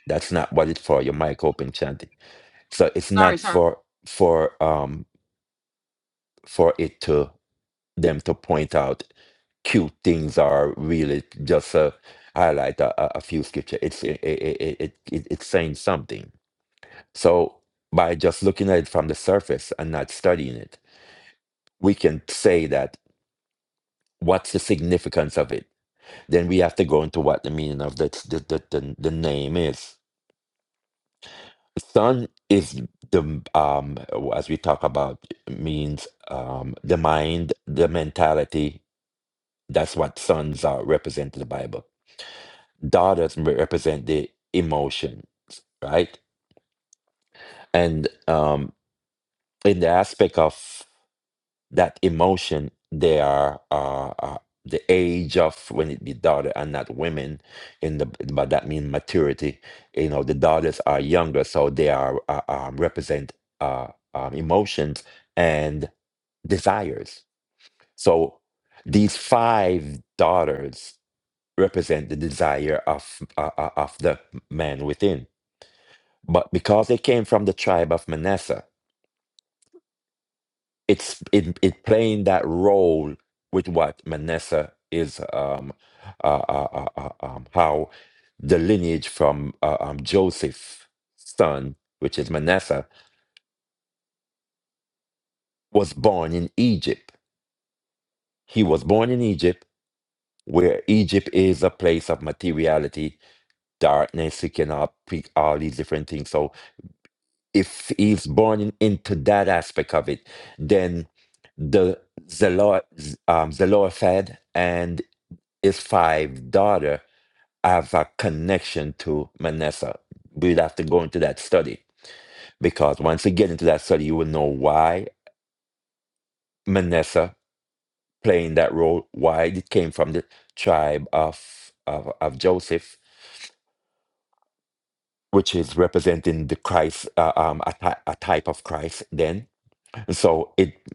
S2: that's not what it's for your mic open chanting so it's
S1: Sorry,
S2: not
S1: sorry.
S2: for for um for it to them to point out cute things or really just uh, highlight a, a a few scripture. It's it, it, it, it, it's saying something. So by just looking at it from the surface and not studying it, we can say that what's the significance of it. Then we have to go into what the meaning of the the, the, the, the name is. Sun is the um as we talk about means um the mind, the mentality. That's what sons are represented in the Bible dollars represent the emotions, right? And um, in the aspect of that emotion, they are uh, uh, the age of when it be daughter and not women. In the but that means maturity. You know, the daughters are younger, so they are uh, um, represent uh, um, emotions and desires. So these five daughters represent the desire of uh, uh, of the man within but because they came from the tribe of Manasseh, it's it, it playing that role with what Manasseh is, um, uh, uh, uh, uh, um, how the lineage from uh, um, Joseph's son, which is Manasseh, was born in Egypt. He was born in Egypt, where Egypt is a place of materiality, darkness. You cannot pick all these different things. So. if he's born in- into that aspect of it, then the Zelo- Z- um, Zelophehad and his five daughter have a connection to Manasseh. We'd have to go into that study because once you get into that study, you will know why Manasseh playing that role, why it came from the tribe of of, of Joseph, which is representing the Christ, uh, um, a, ty- a type of Christ. Then, so it.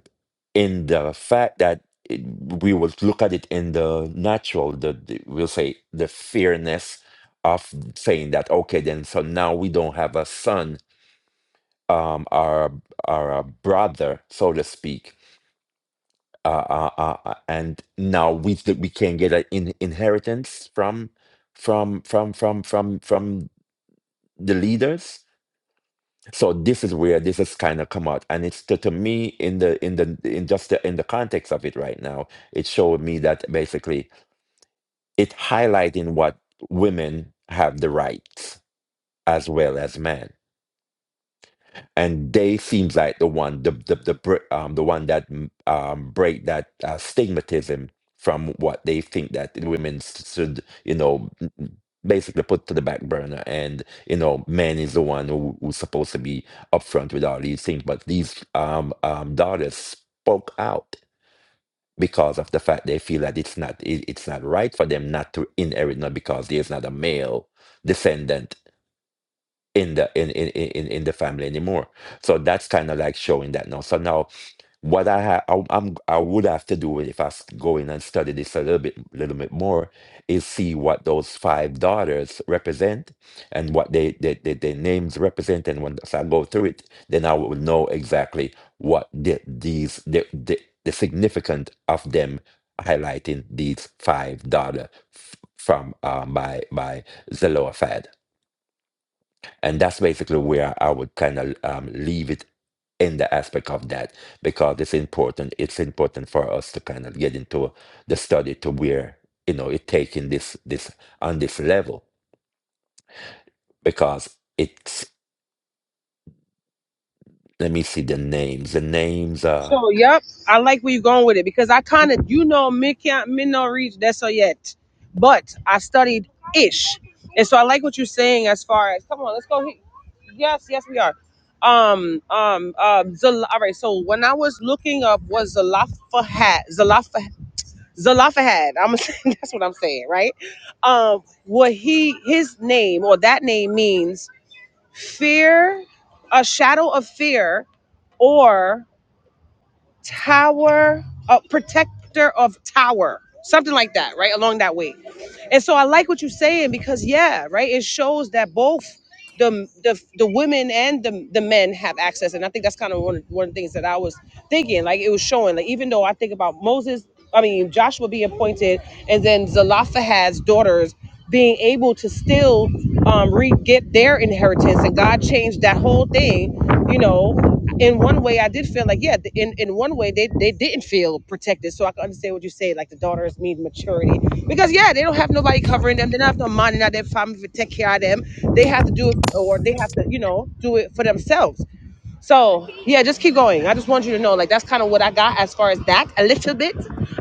S2: in the fact that it, we will look at it in the natural, the, the we'll say the fairness of saying that okay, then so now we don't have a son, um, our our brother, so to speak, uh, uh, uh, uh, and now we th- we can get an in- inheritance from from from from from from the leaders so this is where this has kind of come out and it's to, to me in the in the in just the, in the context of it right now it showed me that basically it highlighting what women have the rights as well as men and they seems like the one the the the br- um the one that mm, um break that uh, stigmatism from what they think that the women s- should you know n- n- basically put to the back burner and you know men is the one who, who's supposed to be upfront with all these things but these um um daughters spoke out because of the fact they feel that it's not it, it's not right for them not to inherit not because there's not a male descendant in the in in in in in the family anymore. So that's kind of like showing that now. So now what I ha- I, I'm I would have to do if I s- go in and study this a little bit little bit more is see what those five daughters represent and what they they, they their names represent and when so I go through it then I will know exactly what the, these the, the the significant of them highlighting these five daughter f- from um, by by Zelophehad and that's basically where I would kind of um, leave it in the aspect of that because it's important. It's important for us to kind of get into the study to where you know it taking this this on this level because it's. Let me see the names. The names are
S1: So, yep, I like where you're going with it because I kind of, you know, me can't, me no reach that so yet, but I studied ish, and so I like what you're saying as far as come on, let's go. he- Yes, yes, we are. Um, um, uh, Zal- all right. So when I was looking up, was Zalafahad, Zalafah, Zalafahad. I'm saying that's what I'm saying, right? Um, what he his name or that name means fear, a shadow of fear, or tower, uh, protector of tower, something like that, right? Along that way. And so I like what you're saying because yeah, right. It shows that both the the, the women and the, the men have access, and I think that's kind of one one of the things that I was thinking like it was showing like even though i think about moses i mean joshua being appointed and then zelophehad's daughters being able to still um re get their inheritance and god changed that whole thing you know in one way i did feel like yeah th- in, in one way they, they didn't feel protected so i can understand what you say like the daughters need maturity because yeah they don't have nobody covering them they don't have no money not their family to take care of them they have to do it or they have to you know do it for themselves so yeah, just keep going. I just want you to know, like that's kind of what I got as far as that. A little bit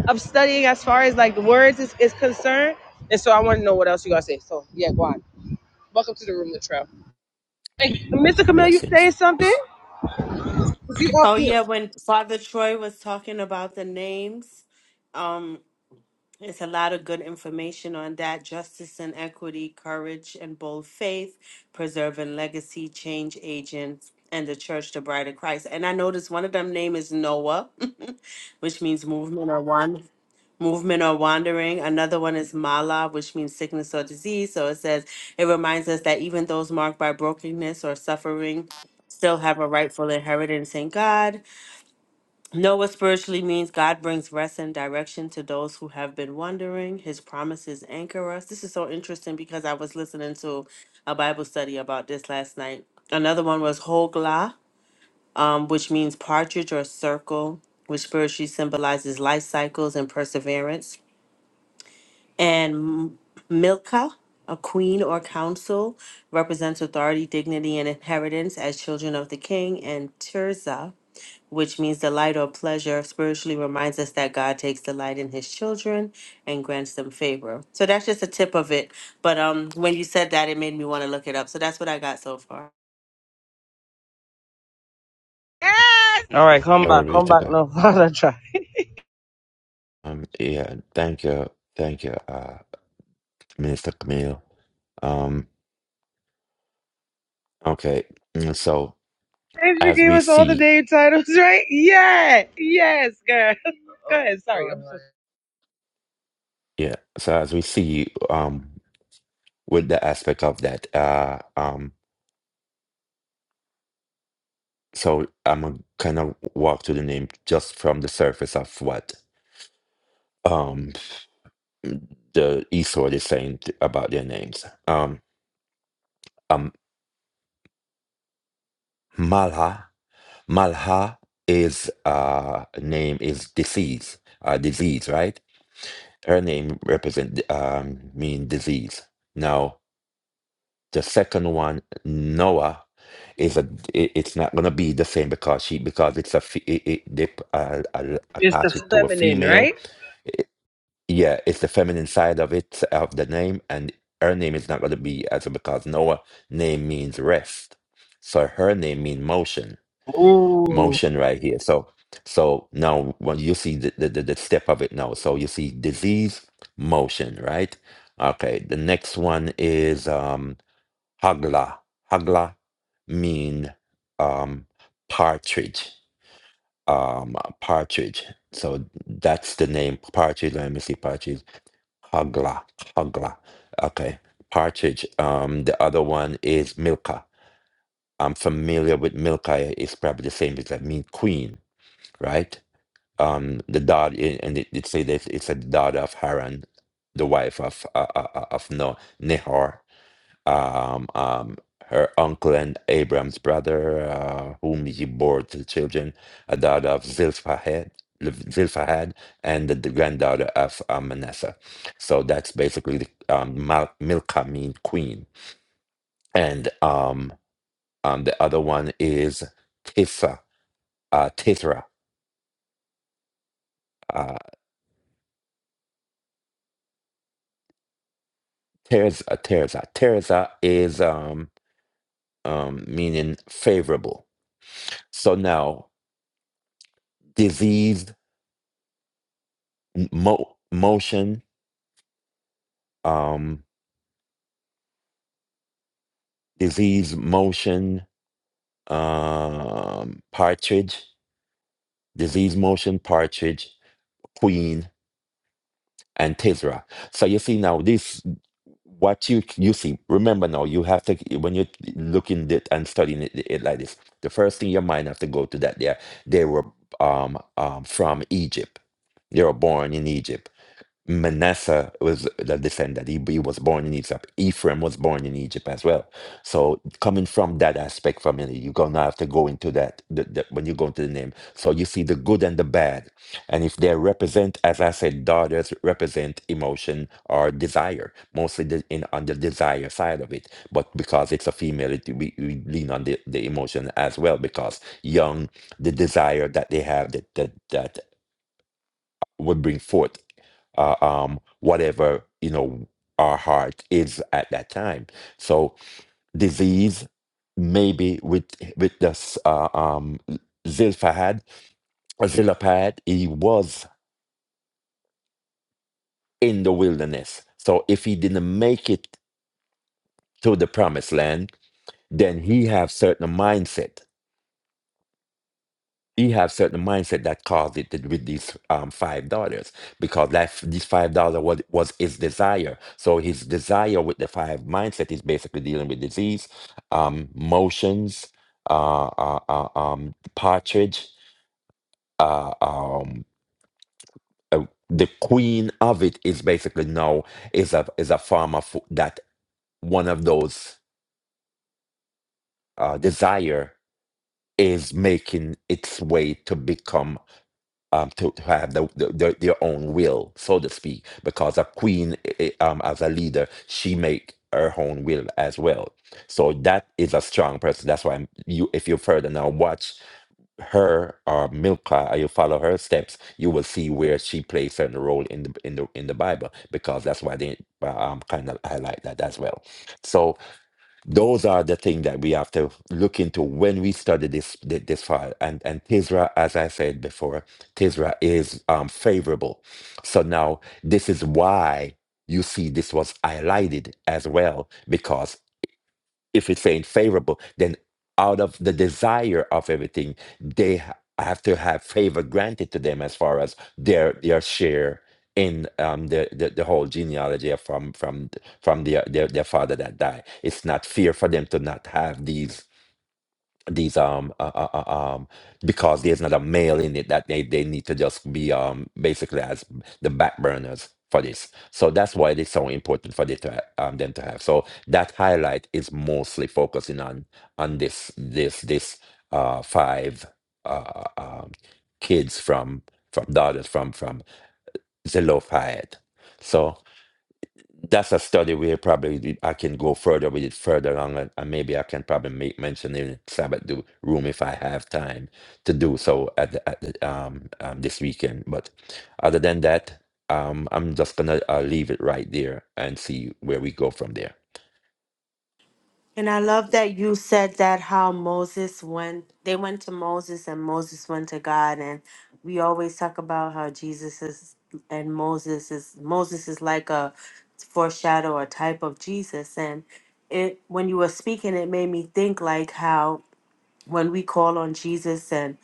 S1: of studying as far as like the words is, is concerned. And so I want to know what else you gotta say. So yeah, go on. Welcome to the room, Latrell. Thank you. Mr. Kamel, you saying
S2: blessings.
S1: something?
S2: It's
S1: You off
S3: Oh
S1: mute.
S3: yeah, when Father Troy was talking about the names, um, It's a lot of good information on that justice and equity, courage and bold faith, preserving legacy, change agents, and the church, the bride of Christ. And I noticed one of them name is Noah, which means movement or one. Movement or wandering. Another one is mala, which means sickness or disease. So it says it reminds us that even those marked by brokenness or suffering still have a rightful inheritance in God. Noah spiritually means God brings rest and direction to those who have been wandering. His promises anchor us. This is so interesting because I was listening to a Bible study about this last night. Another one was Hogla, um, which means partridge or circle, which spiritually symbolizes life cycles and perseverance. And M- Milka, a queen or council, represents authority, dignity, and inheritance as children of the king. And Tirzah which means delight or pleasure, spiritually reminds us that God takes delight in his children and grants them favor. So that's just a tip of it. But um when you said that it made me want to look it up. So that's what I got so far.
S1: Yes. All right, come
S2: glory
S1: back,
S2: be
S1: come
S2: to
S1: back
S2: God.
S1: now. Father, try.
S2: Um, yeah, thank you, thank you, uh, Minister Camille. Um, okay, mm, so
S1: Hey, she
S2: as
S1: gave
S2: we
S1: us all the
S2: see,
S1: name titles, right? Yeah, yes, girl. Go ahead. Sorry, I'm so.
S2: yeah, so as we see, um, with the aspect of that. Uh, um, so I'm gonna kind of walk through the name just from the surface of what um, the Esword is saying t- about their names. Um, um, Malha, Malha is uh, name is disease, uh, disease, right? Her name represent um, mean disease. Now The second one, Noah, is a it- it's not gonna be the same because she because it's a fe- it, it, they uh, uh,
S1: It's the
S2: attach it to a
S1: feminine,
S2: female.
S1: right?
S2: It- yeah, it's the feminine side of it of the name, and her name is not gonna be as because Noah name means rest, so her name means motion,
S1: Ooh,
S2: motion right here. So so now when you see the the, the the step of it now, so you see disease motion right. Okay, the next one is um Hagla. Hagla mean um, partridge. Um, partridge. So that's the name. Partridge. Let me see. Partridge. Hagla. Hagla. Okay. Partridge. Um, the other one is Milka. I'm familiar with Milka. It's probably the same. It's like mean queen, right? Um, the daughter, eh, and it, it say that it's a daughter of Haran, the wife of uh, uh, uh, of no Nehor um, um, her uncle and Abraham's brother, uh, whom he bore to the children, a daughter of Zilphahed, Zilphahad, and the granddaughter of uh, Manasseh. So that's basically the um, Mal- Milcah mean queen. And um, um, the other one is Tissa, uh, Tithra, uh, Terza, Terza. Terza is um, um, meaning favorable. So now, diseased mo- motion um, disease motion um, partridge, disease motion partridge, queen, and tisra. So you see now this what you you see. Remember now you have to when you're looking at and studying it, it like this. The first thing your mind have to go to that there they were um, um, from Egypt. They were born in Egypt Manasseh was the descendant. He, he was born in Egypt. Ephraim was born in Egypt as well. So coming from that aspect family, you're gonna have to go into that, the, the- when you go into the name. So you see the good and the bad, and if they represent, as I said, daughters represent emotion or desire, mostly the, in on the desire side of it. But because it's a female, it, we, we lean on the, the emotion as well because young, the desire that they have that that that would bring forth uh, um, whatever you know our heart is at that time. So disease, maybe with with the s- uh, um, Zilphahad or Zilphahad, he was in the wilderness. So if he didn't make it to the promised land, then he have certain mindset. he have certain mindset that caused it to- with these um, five daughters because that f- these five daughters was, was his desire so his desire with the five mindset is basically dealing with disease um motions uh, uh, uh um partridge uh um uh, the queen of it is basically now is a is a form of that one of those uh desire is making its way to become um, to, to have the, the, their their own will, so to speak, because a queen, eh, eh, um, as a leader, she make her own will as well. So that is a strong person. That's why you, if you further now watch her or Milka, or you follow her steps, you will see where she plays certain role in the in the in the Bible, because that's why they uh, um, kind of highlight that as well. So those are the things that we have to look into when we study this thi- this file. And and Tisra, as I said before, Tisra is um, favorable. So now this is why you see this was highlighted as well because if it's ain't favorable, then out of the desire of everything, they ha- have to have favor granted to them as far as their their share in um, the, the the whole genealogy of from from th- from their, their their father that died. It's not fear for them to not have these these um uh, uh, uh, um because there's not a male in it that they they need to just be um basically as the back burners for this so that's why it's so important for they to ha- um them to have so that highlight is mostly focusing on on this this this uh five uh uh, um kids from from daughters from from Zelophehad so that's a study where probably the- I can go further with it further on and, and maybe I can probably make mention in Sabbath do, room if I have time to do so at the, at the, um, um this weekend. But other than that, um, I'm just gonna uh, leave it right there and see where we go from there.
S3: And I love that you said that how Moses went they went to Moses and Moses went to God and we always talk about how Jesus is and Moses is Moses is like a foreshadow or type of Jesus and it when you were speaking it made me think like how when we call on Jesus and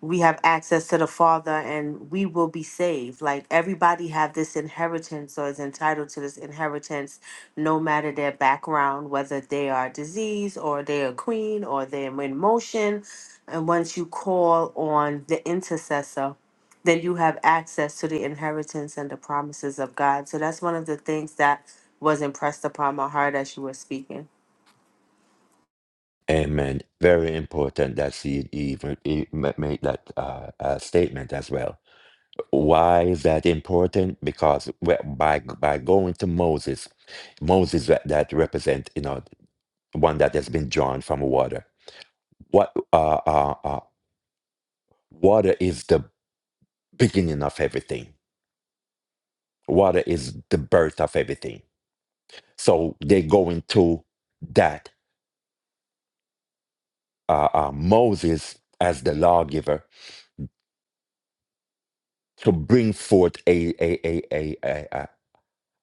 S3: we have access to the Father and we will be saved. Like everybody have this inheritance or is entitled to this inheritance no matter their background, whether they are diseased or they are queen or they're in motion. And once you call on the intercessor, then you have access to the inheritance and the promises of God. So that's one of the things that was impressed upon my heart as you were speaking.
S2: Amen. Very important that she even e- ma- made that uh, uh, statement as well. Why is that important? Because we- by by going to Moses, Moses that, that represent you know one that has been drawn from water. What uh, uh, uh, water is the beginning of everything. Water is the birth of everything. So they go into that uh, uh, Moses as the lawgiver to bring forth a a a a a, a,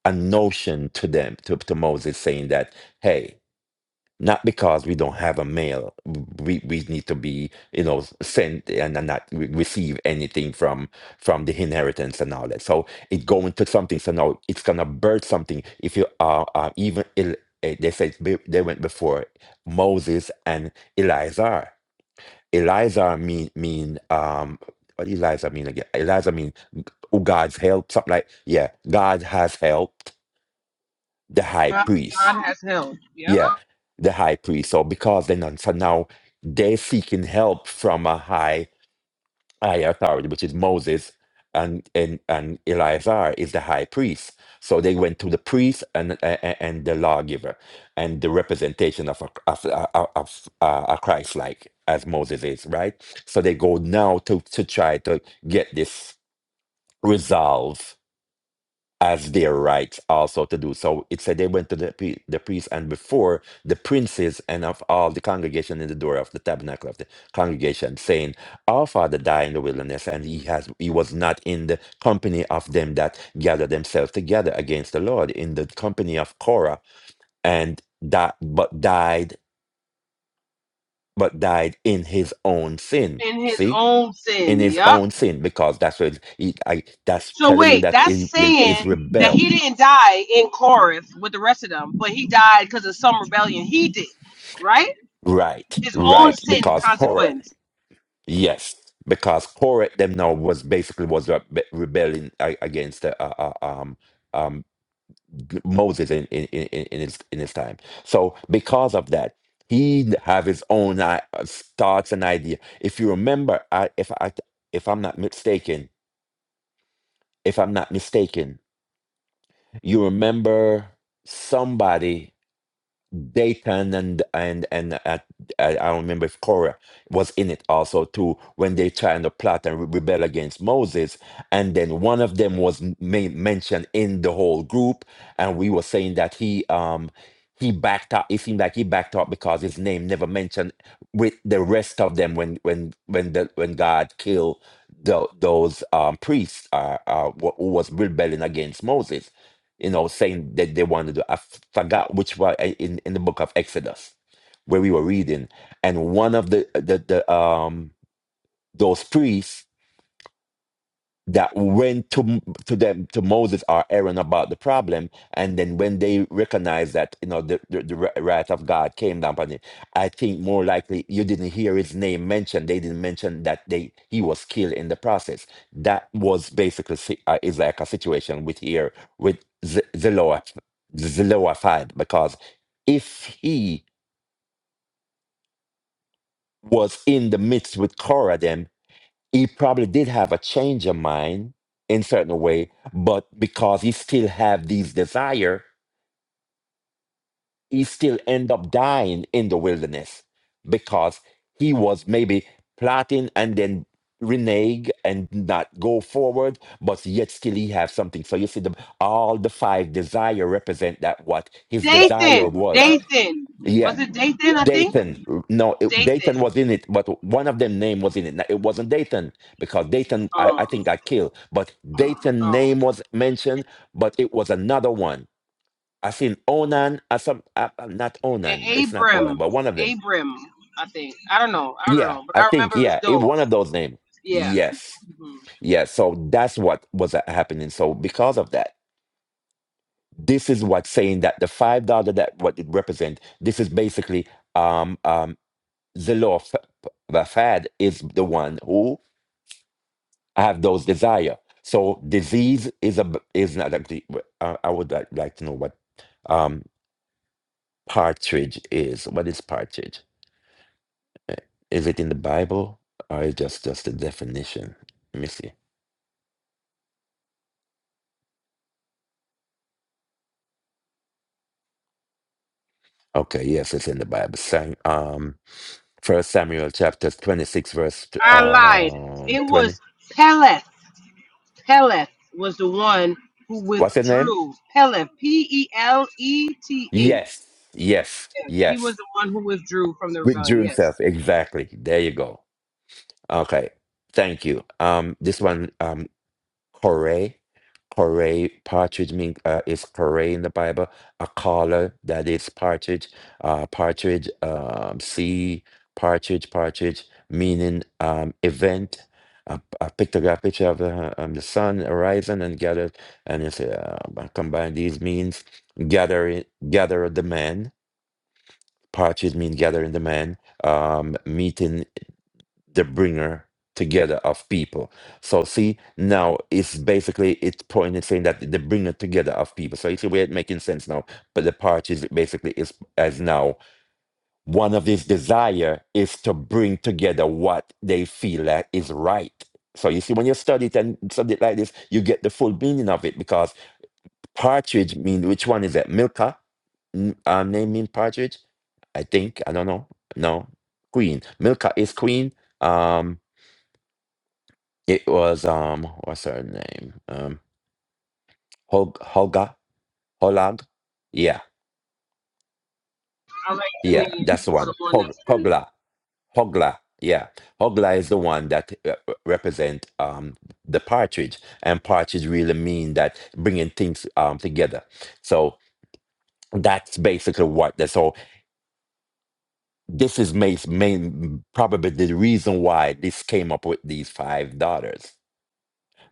S2: a notion to them to, to Moses saying that hey not because we don't have a mail we, we need to be you know sent and, and not re- receive anything from from the inheritance and all that so it going to something so now it's gonna birth something if you are uh, uh, even El- eh, they said be- they went before moses and elizar elizar mean mean um what does elizar mean again elizar mean who god's help something like yeah god has helped the high
S1: God
S2: priest
S1: has held. Yep.
S2: yeah, the high priest. So because they're so now they're seeking help from a high high authority, which is Moses and and and Eleazar is the high priest. So they went to the priest and and, and the lawgiver and the representation of a of a, of a, a Christ like as Moses is, right? So they go now to to try to get this resolved as their right also to do so. It said they went to the, pri- the priest and before the princes and of all the congregation in the door of the tabernacle of the congregation, saying, Our father died in the wilderness, and he has he was not in the company of them that gather themselves together against the Lord, in the company of Korah, and that but died, but died in his own sin. See? In
S1: Feminine.
S2: his
S1: Yep.
S2: own sin, because that's what he, I, that's
S1: So
S2: telling you
S1: wait,
S2: that he,
S1: that's
S2: he is
S1: saying that
S2: rebel
S1: he didn't die in Corinth with the rest of them, but he died because of some rebellion he did, right?
S2: Right,
S1: His own
S2: right.
S1: sin
S2: Because Korah,
S1: consequence.
S2: yes, because Korah them now was basically was rebe- rebelling a- against uh, uh, uh, um um Moses in in in in in his in his time. So because of that, he have his own uh, thoughts and idea. If you remember, I if I if I'm not mistaken, if I'm not mistaken, you remember somebody. Dayton and and and uh, I, I don't remember if Korah was in it also too when they tried to plot and re- rebel against Moses, and then one of them was m- ma- mentioned in the whole group, and we were saying that he um he backed up. It seemed like he backed up because his name never mentioned with the rest of them when when when the when God killed the, those um priests uh, uh wh- who was rebelling against Moses you know, saying that they wanted to. I forgot which one I- in in the book of Exodus where we were reading, and one of the the, the um those priests that went to to them to Moses or Aaron about the problem, and then when they recognized that you know the the, the wrath of God came down upon him, I think more likely you didn't hear his name mentioned. They didn't mention that they he was killed in the process. That was basically si- uh, is like a situation with here with Z- Zeloa- Zelophehad because if he was in the midst with Korah he probably did have a change of mind in certain way, but because he still have these desire, he still end up dying in the wilderness because he was maybe plotting and then renege and not go forward, but yet still he have something. So you see, the, all the five desire represent that what his desire
S1: Dathan,
S2: was.
S1: Dathan,
S2: Yes,
S1: was it Dathan? I think
S2: Dayton. No, it,
S1: Dathan.
S2: Dayton was in it, but one of them name was in it. Now, It wasn't Dayton because Dayton, I, I
S1: Um,
S2: think, got killed. But Dayton
S1: oh,
S2: name was mentioned, but it was another one. I seen Onan. I some uh, uh, not Onan.
S1: and
S2: It's not
S1: Abram,
S2: Onan, but one of them.
S1: Abram. I think I don't know, I don't
S2: Yeah,
S1: know, but
S2: I
S1: I
S2: think.
S1: remember it was
S2: Yeah, it one
S1: those.
S2: of those names.
S1: Yeah,
S2: Yes,
S1: Mhm.
S2: yes. So that's what was uh, happening. So because of that, this is what saying that the five dollar that what it represent. This is basically um um the law of Fad is the one who have those desire. So disease is a is not a. de- I I would like, like to know what um partridge is. What is partridge? Eh, Is it in the Bible or is just just a definition? Let me see. Okay, yes, it's in the Bible. Sam, um, First Samuel chapter twenty six, verse t-
S1: I lied.
S2: um
S1: It
S2: twenty.
S1: was Peleth. Peleth was the one who
S2: What's his name?
S1: withdrew. Peleth, P E L E T H.
S2: Yes, yes,
S1: Yes, He
S2: yes.
S1: was the one who withdrew from the rebellion.
S2: Withdrew himself
S1: Yes.
S2: exactly. There you go. Okay, thank you. Um, this one, um, Corey, Corey partridge mean uh, is Corey in the Bible a caller that is partridge, uh, partridge, um, sea partridge, partridge meaning um event. I, I picked a picture of the, um, the sun horizon and gathered, and it's uh, I combine these means gathering, gather the man. Partridge mean gathering the man. Um, meeting the bringer together of people. So see, now it's basically it's pointing saying that the bringer together of people. So you see where it's a way of making sense now. But the parties basically is as now one of his desire is to bring together what they feel like is right. So you see, when you study it and study it like this, you get the full meaning of it because partridge mean which one is that? Milka? N- Um, name mean partridge? I think. I don't know. No. Queen. Milka is queen. Um it was um, what's her name? Um, Hog Hoga Holag. Yeah,
S1: I like the
S2: yeah,
S1: name
S2: that's the
S1: for
S2: one.
S1: the one
S2: Hog
S1: that's.
S2: Hogla Hogla. Yeah, Hogla is the one that uh, uh, represent um the partridge, and partridge really mean that bringing things um together. So that's basically what that's all. This is main, main probably the reason why this came up with these five daughters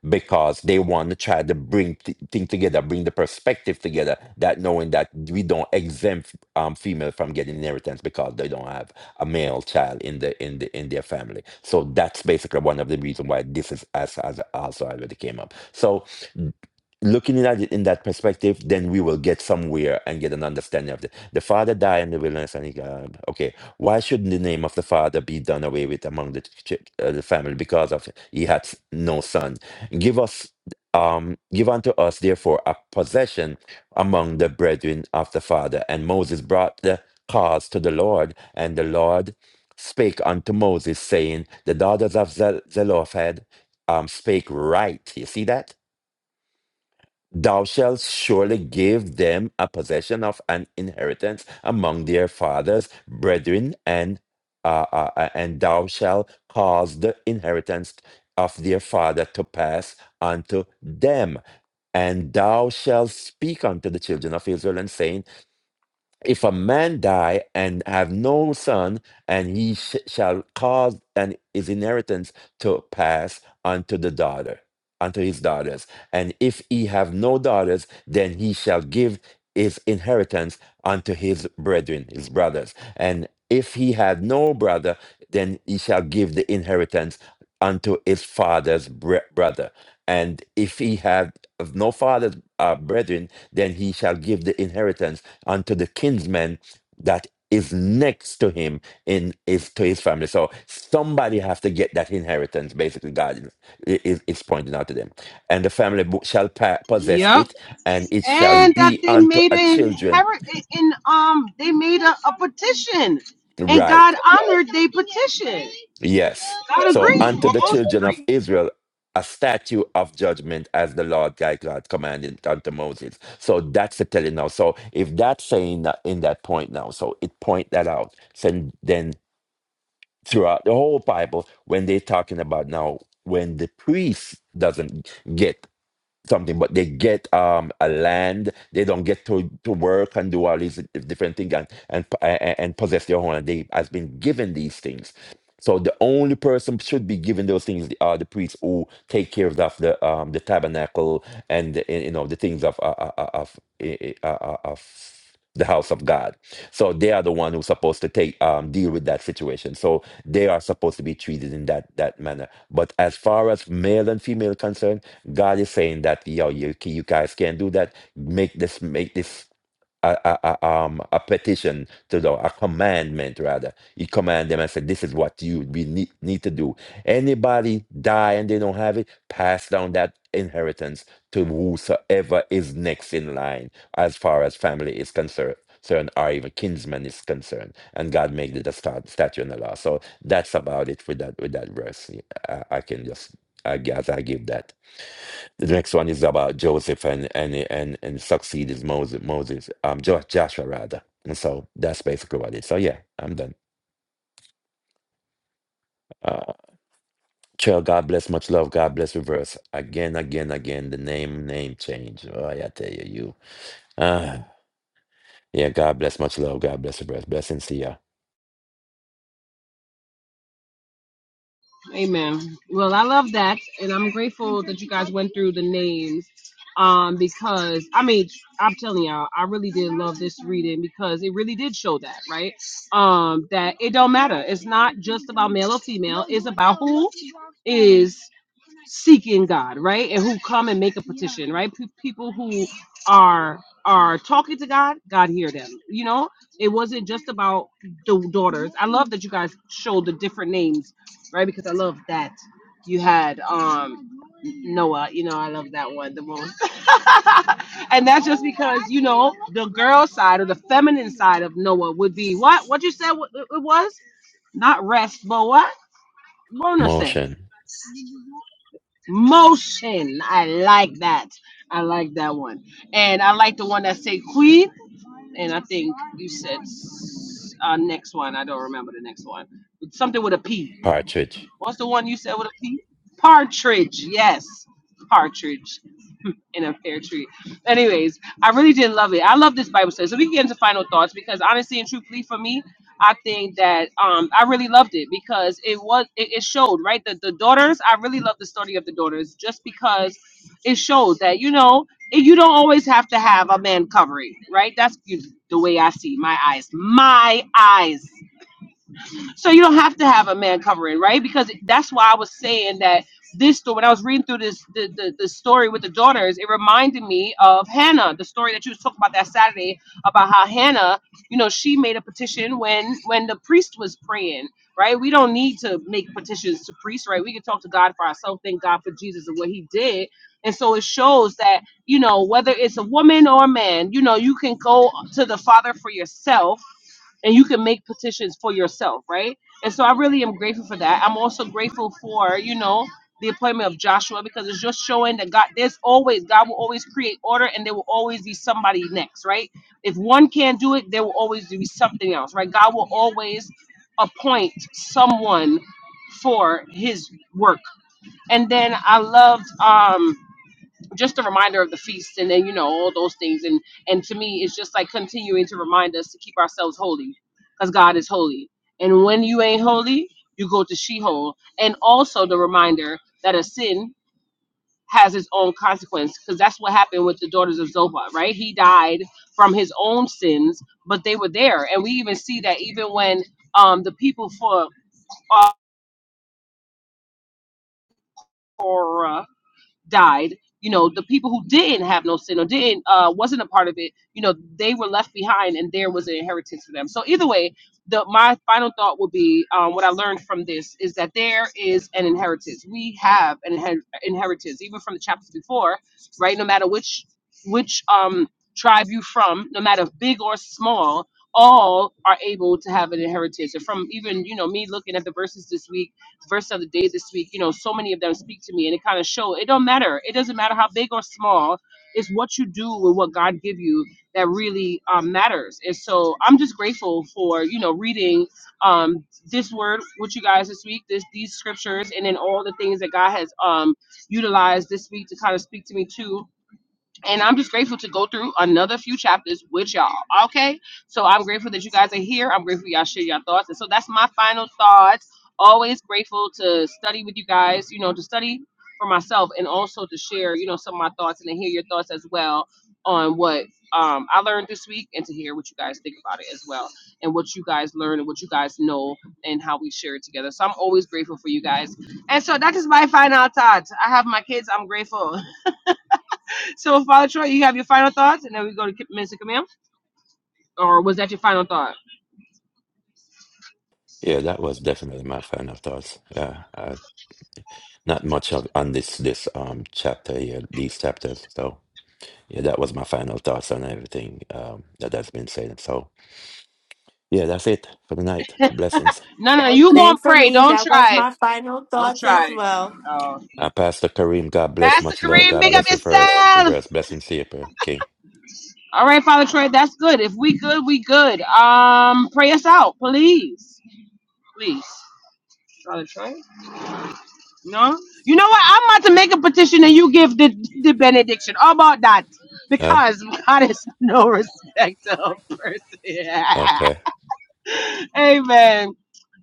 S2: because they want to try to bring th- things together, bring the perspective together, that knowing that we don't exempt um, female from getting inheritance because they don't have a male child in the in the in their family. So that's basically one of the reasons why this is as, as also already came up. So looking at it in that perspective, then we will get somewhere and get an understanding of it. the Father died in the wilderness. And he got, okay, why shouldn't the name of the Father be done away with among the ch- uh, the family because of he had s- no son? Give us, um, give unto us therefore a possession among the brethren of the Father. And Moses brought the cause to the Lord, and the Lord spake unto Moses, saying, "The daughters of Zel- Zelophehad um, spake right." You see that? Thou shalt surely give them a possession of an inheritance among their fathers, brethren, and uh, uh, uh, and thou shalt cause the inheritance of their father to pass unto them. And thou shalt speak unto the children of Israel, and saying, if a man die and have no son, and he sh- shall cause and his inheritance to pass unto the daughter, unto his daughters. And if he have no daughters, then he shall give his inheritance unto his brethren, his brothers. And if he had no brother, then he shall give the inheritance unto his father's bre- brother. And if he have no father's uh, brethren, then he shall give the inheritance unto the kinsman that is next to him in if to his family. So somebody has to get that inheritance. Basically, God is, is is pointing out to them, and the family bo- shall pa- possess
S1: Yep.
S2: it, and it shall
S1: And that
S2: be
S1: they
S2: unto
S1: made
S2: a
S1: a
S2: children
S1: her- in um they made a, a petition, and
S2: right.
S1: God honored their petition.
S2: Yes.
S1: God
S2: So
S1: agreed,
S2: unto
S1: or
S2: the
S1: most
S2: children
S1: agreed.
S2: of Israel. A statue of judgment as the Lord thy God commanded unto Moses. So that's the telling now. So if that's saying that in that point now, so it point that out. So then throughout the whole Bible when they're talking about now when the priest doesn't get something, but they get um a land, they don't get to, to work and do all these different things and and and and possess their own. They has been given these things. So the only person should be given those things are the priests who take care of the of the, um, the tabernacle and the, you know the things of uh, uh, uh, of uh, uh, uh, of the house of God. So they are the one who's supposed to take um, deal with that situation. So they are supposed to be treated in that that manner. But as far as male and female concerned, God is saying that yo, you you guys can't do that. Make this make this a, a, a, um, a petition to the a commandment rather. He command them and said, "This is what you we need, need to do. Anybody die and they don't have it, pass down that inheritance to whosoever is next in line, as far as family is concerned." concerned or even kinsman is concerned and god made it a stat- statue in the law so that's about it with that with that verse Yeah, i, I can just i guess i give that the next one is about joseph and and and and succeed is moses moses um Jo- joshua rather and so that's basically what it is so yeah i'm done uh chill god bless much love god bless reverse again again again the name name change oh yeah, i tell you you ah yeah god bless much love god bless reverse blessings to you
S1: Amen. Well, I love that, and I'm grateful that you guys went through the names, um, because I mean, I'm telling y'all, I really did love this reading because it really did show that, right? Um, that it don't matter. It's not just about male or female. It's about who is seeking God, right? And who come and make a petition, right? Pe- people who are are talking to God, God hear them. You know, it wasn't just about the daughters. I love that you guys showed the different names, right? Because I love that you had um Noah. You know, I love that one the most. and that's just because you know the girl side or the feminine side of Noah would be what? What you said wa- it was not rest, but what? Bonus.
S2: motion
S1: Motion. I like that. I like that one. And I like the one that say Queen. And I think you said s- uh, next one. I don't remember the next one. It's something with a P.
S2: partridge
S1: What's the one you said with a P? Partridge. Yes. Partridge and a fair treat. Anyways, I really did love it. I love this Bible study. So we can get into final thoughts because honestly and truthfully for me, I think that um I really loved it because it was it, it showed, right? The the daughters, I really love the story of the daughters just because it showed that, you know, it, you don't always have to have a man covering, right? That's you- the way I see my eyes. My eyes. So you don't have to have a man covering, right? Because that's why I was saying that this story. When I was reading through this the, the the story with the daughters, it reminded me of Hannah, the story that you was talking about that Saturday about how Hannah, you know, she made a petition when when the priest was praying. Right, we don't need to make petitions to priests, right? We can talk to God for ourselves. Thank God for Jesus and what He did, and so it shows that you know whether it's a woman or a man, you know, you can go to the Father for yourself and you can make petitions for yourself, right? And so I really am grateful for that. I'm also grateful for, you know, the appointment of Joshua because it's just showing that God, there's always, God will always create order and there will always be somebody next, right? If one can't do it, there will always be something else, right? God will always appoint someone for his work. And then I loved, um, just a reminder of the feast and then you know all those things and and to me it's just like continuing to remind us to keep ourselves holy because god is holy and when you ain't holy you go to sheol and also the reminder that a sin has its own consequence because that's what happened with the daughters of zophar right he died from his own sins but they were there and we even see that even when um the people for uh, for uh, died, you know, the people who didn't have no sin or didn't uh, wasn't a part of it, you know, they were left behind, and there was an inheritance for them. So either way, the my final thought would be um, what I learned from this is that there is an inheritance. We have an inher- inheritance, even from the chapters before, right? No matter which which um tribe you from, no matter big or small, all are able to have an inheritance. And from even you know me looking at the verses this week verse of the day this week, you know, so many of them speak to me and it kind of show it don't matter. It doesn't matter how big or small. It's what you do with what God give you that really um, matters. And so I'm just grateful for, you know, reading um, this word with you guys this week, this these scriptures, and then all the things that God has um, utilized this week to kind of speak to me too and I'm just grateful to go through another few chapters with y'all. Okay. So I'm grateful that you guys are here. I'm grateful y'all share your thoughts. And so that's my final thoughts. Always grateful to study with you guys, you know, to study for myself and also to share, you know, some of my thoughts and to hear your thoughts as well on what um, I learned this week and to hear what you guys think about it as well and what you guys learn and what you guys know and how we share it together. So I'm always grateful for you guys. And so that is my final thoughts. I have my kids. I'm grateful. So, Father Troy, you have your final thoughts, and then we go to K- Mr. Camille. Or was that your final thought?
S2: Yeah, that was definitely my final thoughts. Yeah, uh, not much of, on this this um chapter here, these chapters. So yeah, that was my final thoughts on everything um that has been said. So yeah, that's it for the night. Blessings.
S1: No, no, no, you
S3: Same
S1: gonna
S3: for
S1: pray.
S3: me.
S1: Don't
S3: That was
S1: try.
S3: my final
S1: Don't
S3: thoughts as
S1: try.
S3: well.
S1: Oh, okay.
S2: Uh, Pastor Kareem, God bless,
S1: Pastor
S2: much love,
S1: Kareem,
S2: God
S1: make up
S2: bless, reverse,
S1: yourself.
S2: reverse, blessings to you, King. Okay.
S1: All right, Father Troy, that's good. If we good, we good. Um, pray us out, please, please. Father Troy, no. You know what? I'm about to make a petition, and you give the, the benediction. How about that?
S2: Huh?
S1: Because God is no respecter of person.
S2: Okay.
S1: Amen.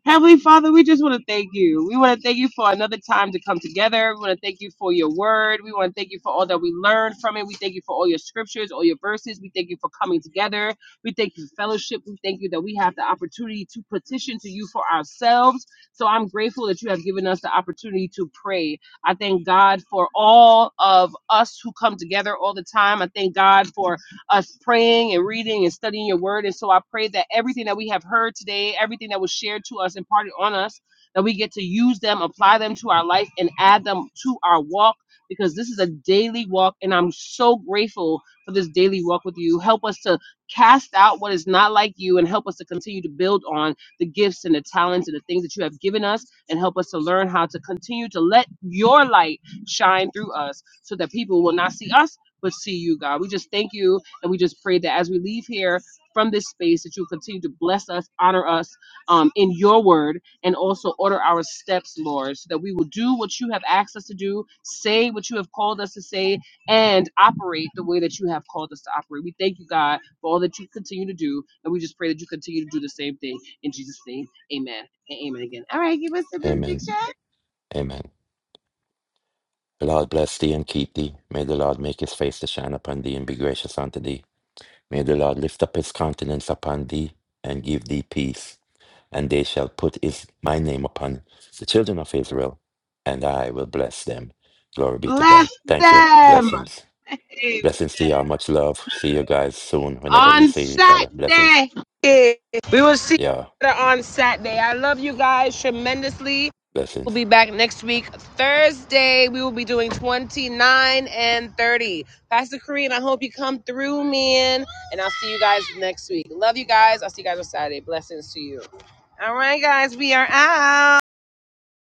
S1: Heavenly Father, we just want to thank you. We want to thank you for another time to come together. We want to thank you for your word. We want to thank you for all that we learned from it. We thank you for all your scriptures, all your verses. We thank you for coming together. We thank you for fellowship. We thank you that we have the opportunity to petition to you for ourselves. So I'm grateful that you have given us the opportunity to pray. I thank God for all of us who come together all the time. I thank God for us praying and reading and studying your word. And so I pray that everything that we have heard today, everything that was shared to us, imparted on us, that we get to use them, apply them to our life, and add them to our walk because this is a daily walk. And I'm so grateful for this daily walk with you. Help us to cast out what is not like you and help us to continue to build on the gifts and the talents and the things that you have given us and help us to learn how to continue to let your light shine through us so that people will not see us but see you, God. We just thank you and we just pray that as we leave here from this space, that you continue to bless us, honor us um, in your word, and also order our steps, Lord, so that we will do what you have asked us to do, say what you have called us to say, and operate the way that you have called us to operate. We thank you, God, for all that you continue to do. And we just pray that you continue to do the same thing. In Jesus' name, amen. And amen again. All right, give us a benediction.
S2: Amen. Amen. The Lord bless thee and keep thee. May the Lord make his face to shine upon thee and be gracious unto thee. May the Lord lift up his countenance upon thee and give thee peace. And they shall put his, my name upon the children of Israel, and I will bless them. Glory be to
S1: Bless
S2: God. Thank you.
S1: them.
S2: Blessings. Blessings to y'all. Much love. See you guys soon whenever we
S1: on
S2: see each other. Blessings.
S1: Saturday. We will see
S2: Yeah.
S1: you on Saturday. I love you guys tremendously. We'll
S2: Blessings.
S1: be back next week, Thursday. We will be doing 29 and 30. Pastor Kareem, I hope you come through, man. And I'll see you guys next week. Love you guys. I'll see you guys on Saturday. Blessings to you. All right, guys, we are out.